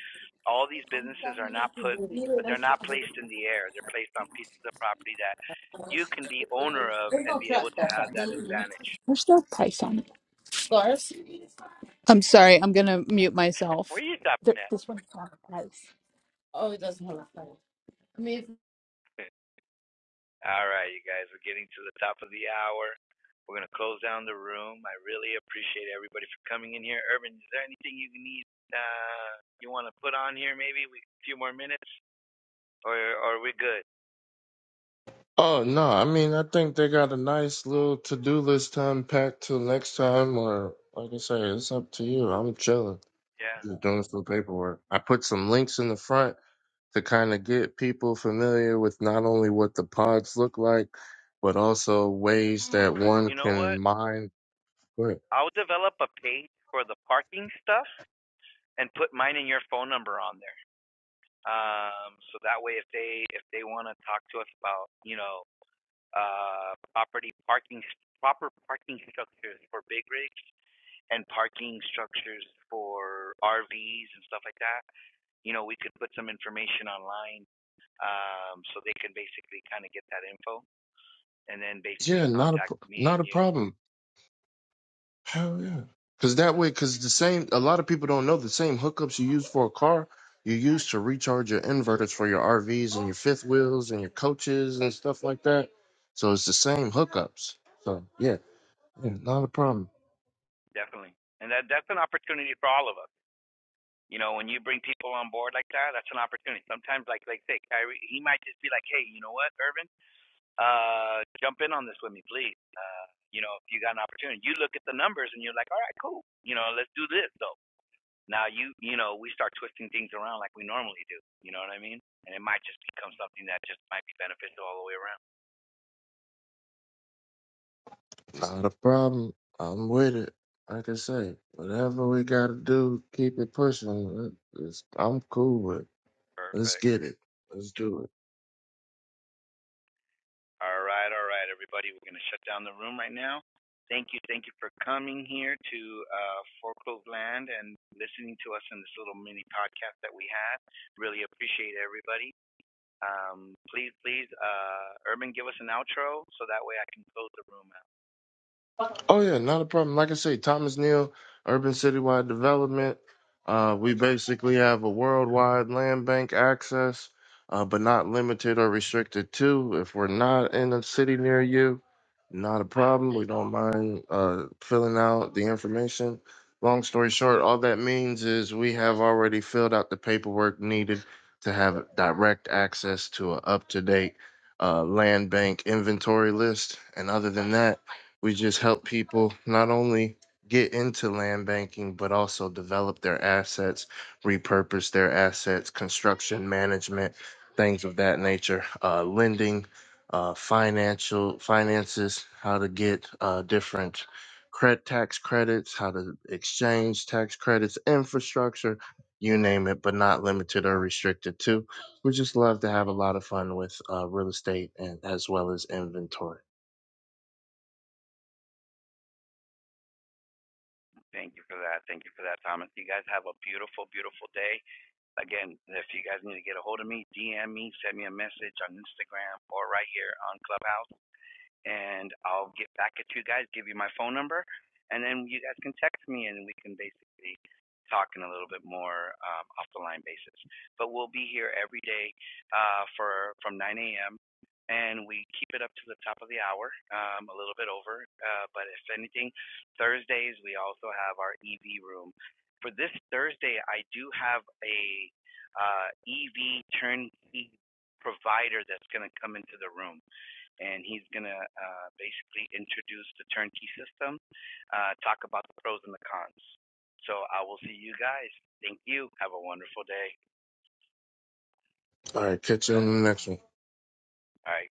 A: All these businesses are not put, they're not placed in the air. They're placed on pieces of property that you can be owner of and be able to have that advantage.
F: Scarves? I'm sorry. I'm going to mute myself.
A: Where are you stopping at?
F: Oh, it doesn't matter.
A: All right, you guys, we're getting to the top of the hour. We're going to close down the room. I really appreciate everybody for coming in here. Urban, is there anything you need, uh, you want to put on here maybe? We, a few more minutes? Or, or are we good?
C: Oh no, I mean I think they got a nice little to do list to unpack till next time, or like I say, it's up to you. I'm chilling,
A: Yeah.
C: just doing some paperwork. I put some links in the front to kind of get people familiar with not only what the pods look like, but also ways that one
A: You know
C: can
A: what?
C: mine. Go ahead.
A: I'll develop a page for the parking stuff and put mine and your phone number on there. Um, so that way if they, if they want to talk to us about, you know, uh, property parking, proper parking structures for big rigs, and parking structures for RVs and stuff like that. You know, we could put some information online um, so they can basically kind of get that info and then basically
C: Yeah, not a
A: contact
C: pro-
A: me
C: not
A: and
C: a
A: you.
C: problem. Hell yeah. Cause that way, cause the same a lot of people don't know the same hookups you use for a car, you use to recharge your inverters for your RVs and your fifth wheels and your coaches and stuff like that. So it's the same hookups. So yeah, yeah, not a problem.
A: Definitely. And that that's an opportunity for all of us. You know, when you bring people on board like that, that's an opportunity. Sometimes, like like say, Kyrie, he might just be like, hey, you know what, Irvin, uh, jump in on this with me, please. Uh, you know, if you got an opportunity, you look at the numbers and you're like, all right, cool. You know, let's do this though. Now you you know we start twisting things around like we normally do. You know what I mean? And it might just become something that just might be beneficial all the way around.
C: Not a problem. I'm with it. Like I say, whatever we gotta do, keep it pushing. It- it's- I'm cool with. it. Let's
A: Perfect.
C: get it. Let's do it.
A: All right, all right, everybody. We're gonna shut down the room right now. Thank you, thank you for coming here to uh, Foreclosed Land and listening to us in this little mini podcast that we had. Really appreciate everybody. Um, please, please, uh, Urban, give us an outro so that way I can close the room out.
C: Oh yeah, not a problem. Like I say, Thomas Neal, Urban Citywide Development. Uh, we basically have a worldwide land bank access, uh, but not limited or restricted to. If we're not in a city near you, not a problem. We don't mind uh, filling out the information. Long story short, all that means is we have already filled out the paperwork needed to have direct access to an up to date uh, land bank inventory list. And other than that we just help people not only get into land banking, but also develop their assets, repurpose their assets, construction management, things of that nature, uh, lending, uh, financial finances, how to get uh, different credit tax credits, how to exchange tax credits, infrastructure, you name it, but not limited or restricted to. We just love to have a lot of fun with uh, real estate and as well as inventory.
A: Thank you for that. Thank you for that, Thomas. You guys have a beautiful, beautiful day. Again, if you guys need to get a hold of me, DM me, send me a message on Instagram or right here on Clubhouse and I'll get back at you guys, give you my phone number, and then you guys can text me and we can basically talk in a little bit more um, off the line basis. But we'll be here every day uh, for from 9 a.m. and we keep it up to the top of the hour, um, a little bit over. Uh, but if anything, Thursdays we also have our EV room. For this Thursday, I do have a uh, EV turnkey provider that's going to come into the room and he's going to uh, basically introduce the turnkey system, uh, talk about the pros and the cons. So I will see you guys. Thank you. Have a wonderful day.
C: All right, catch you on the next one.
A: All right.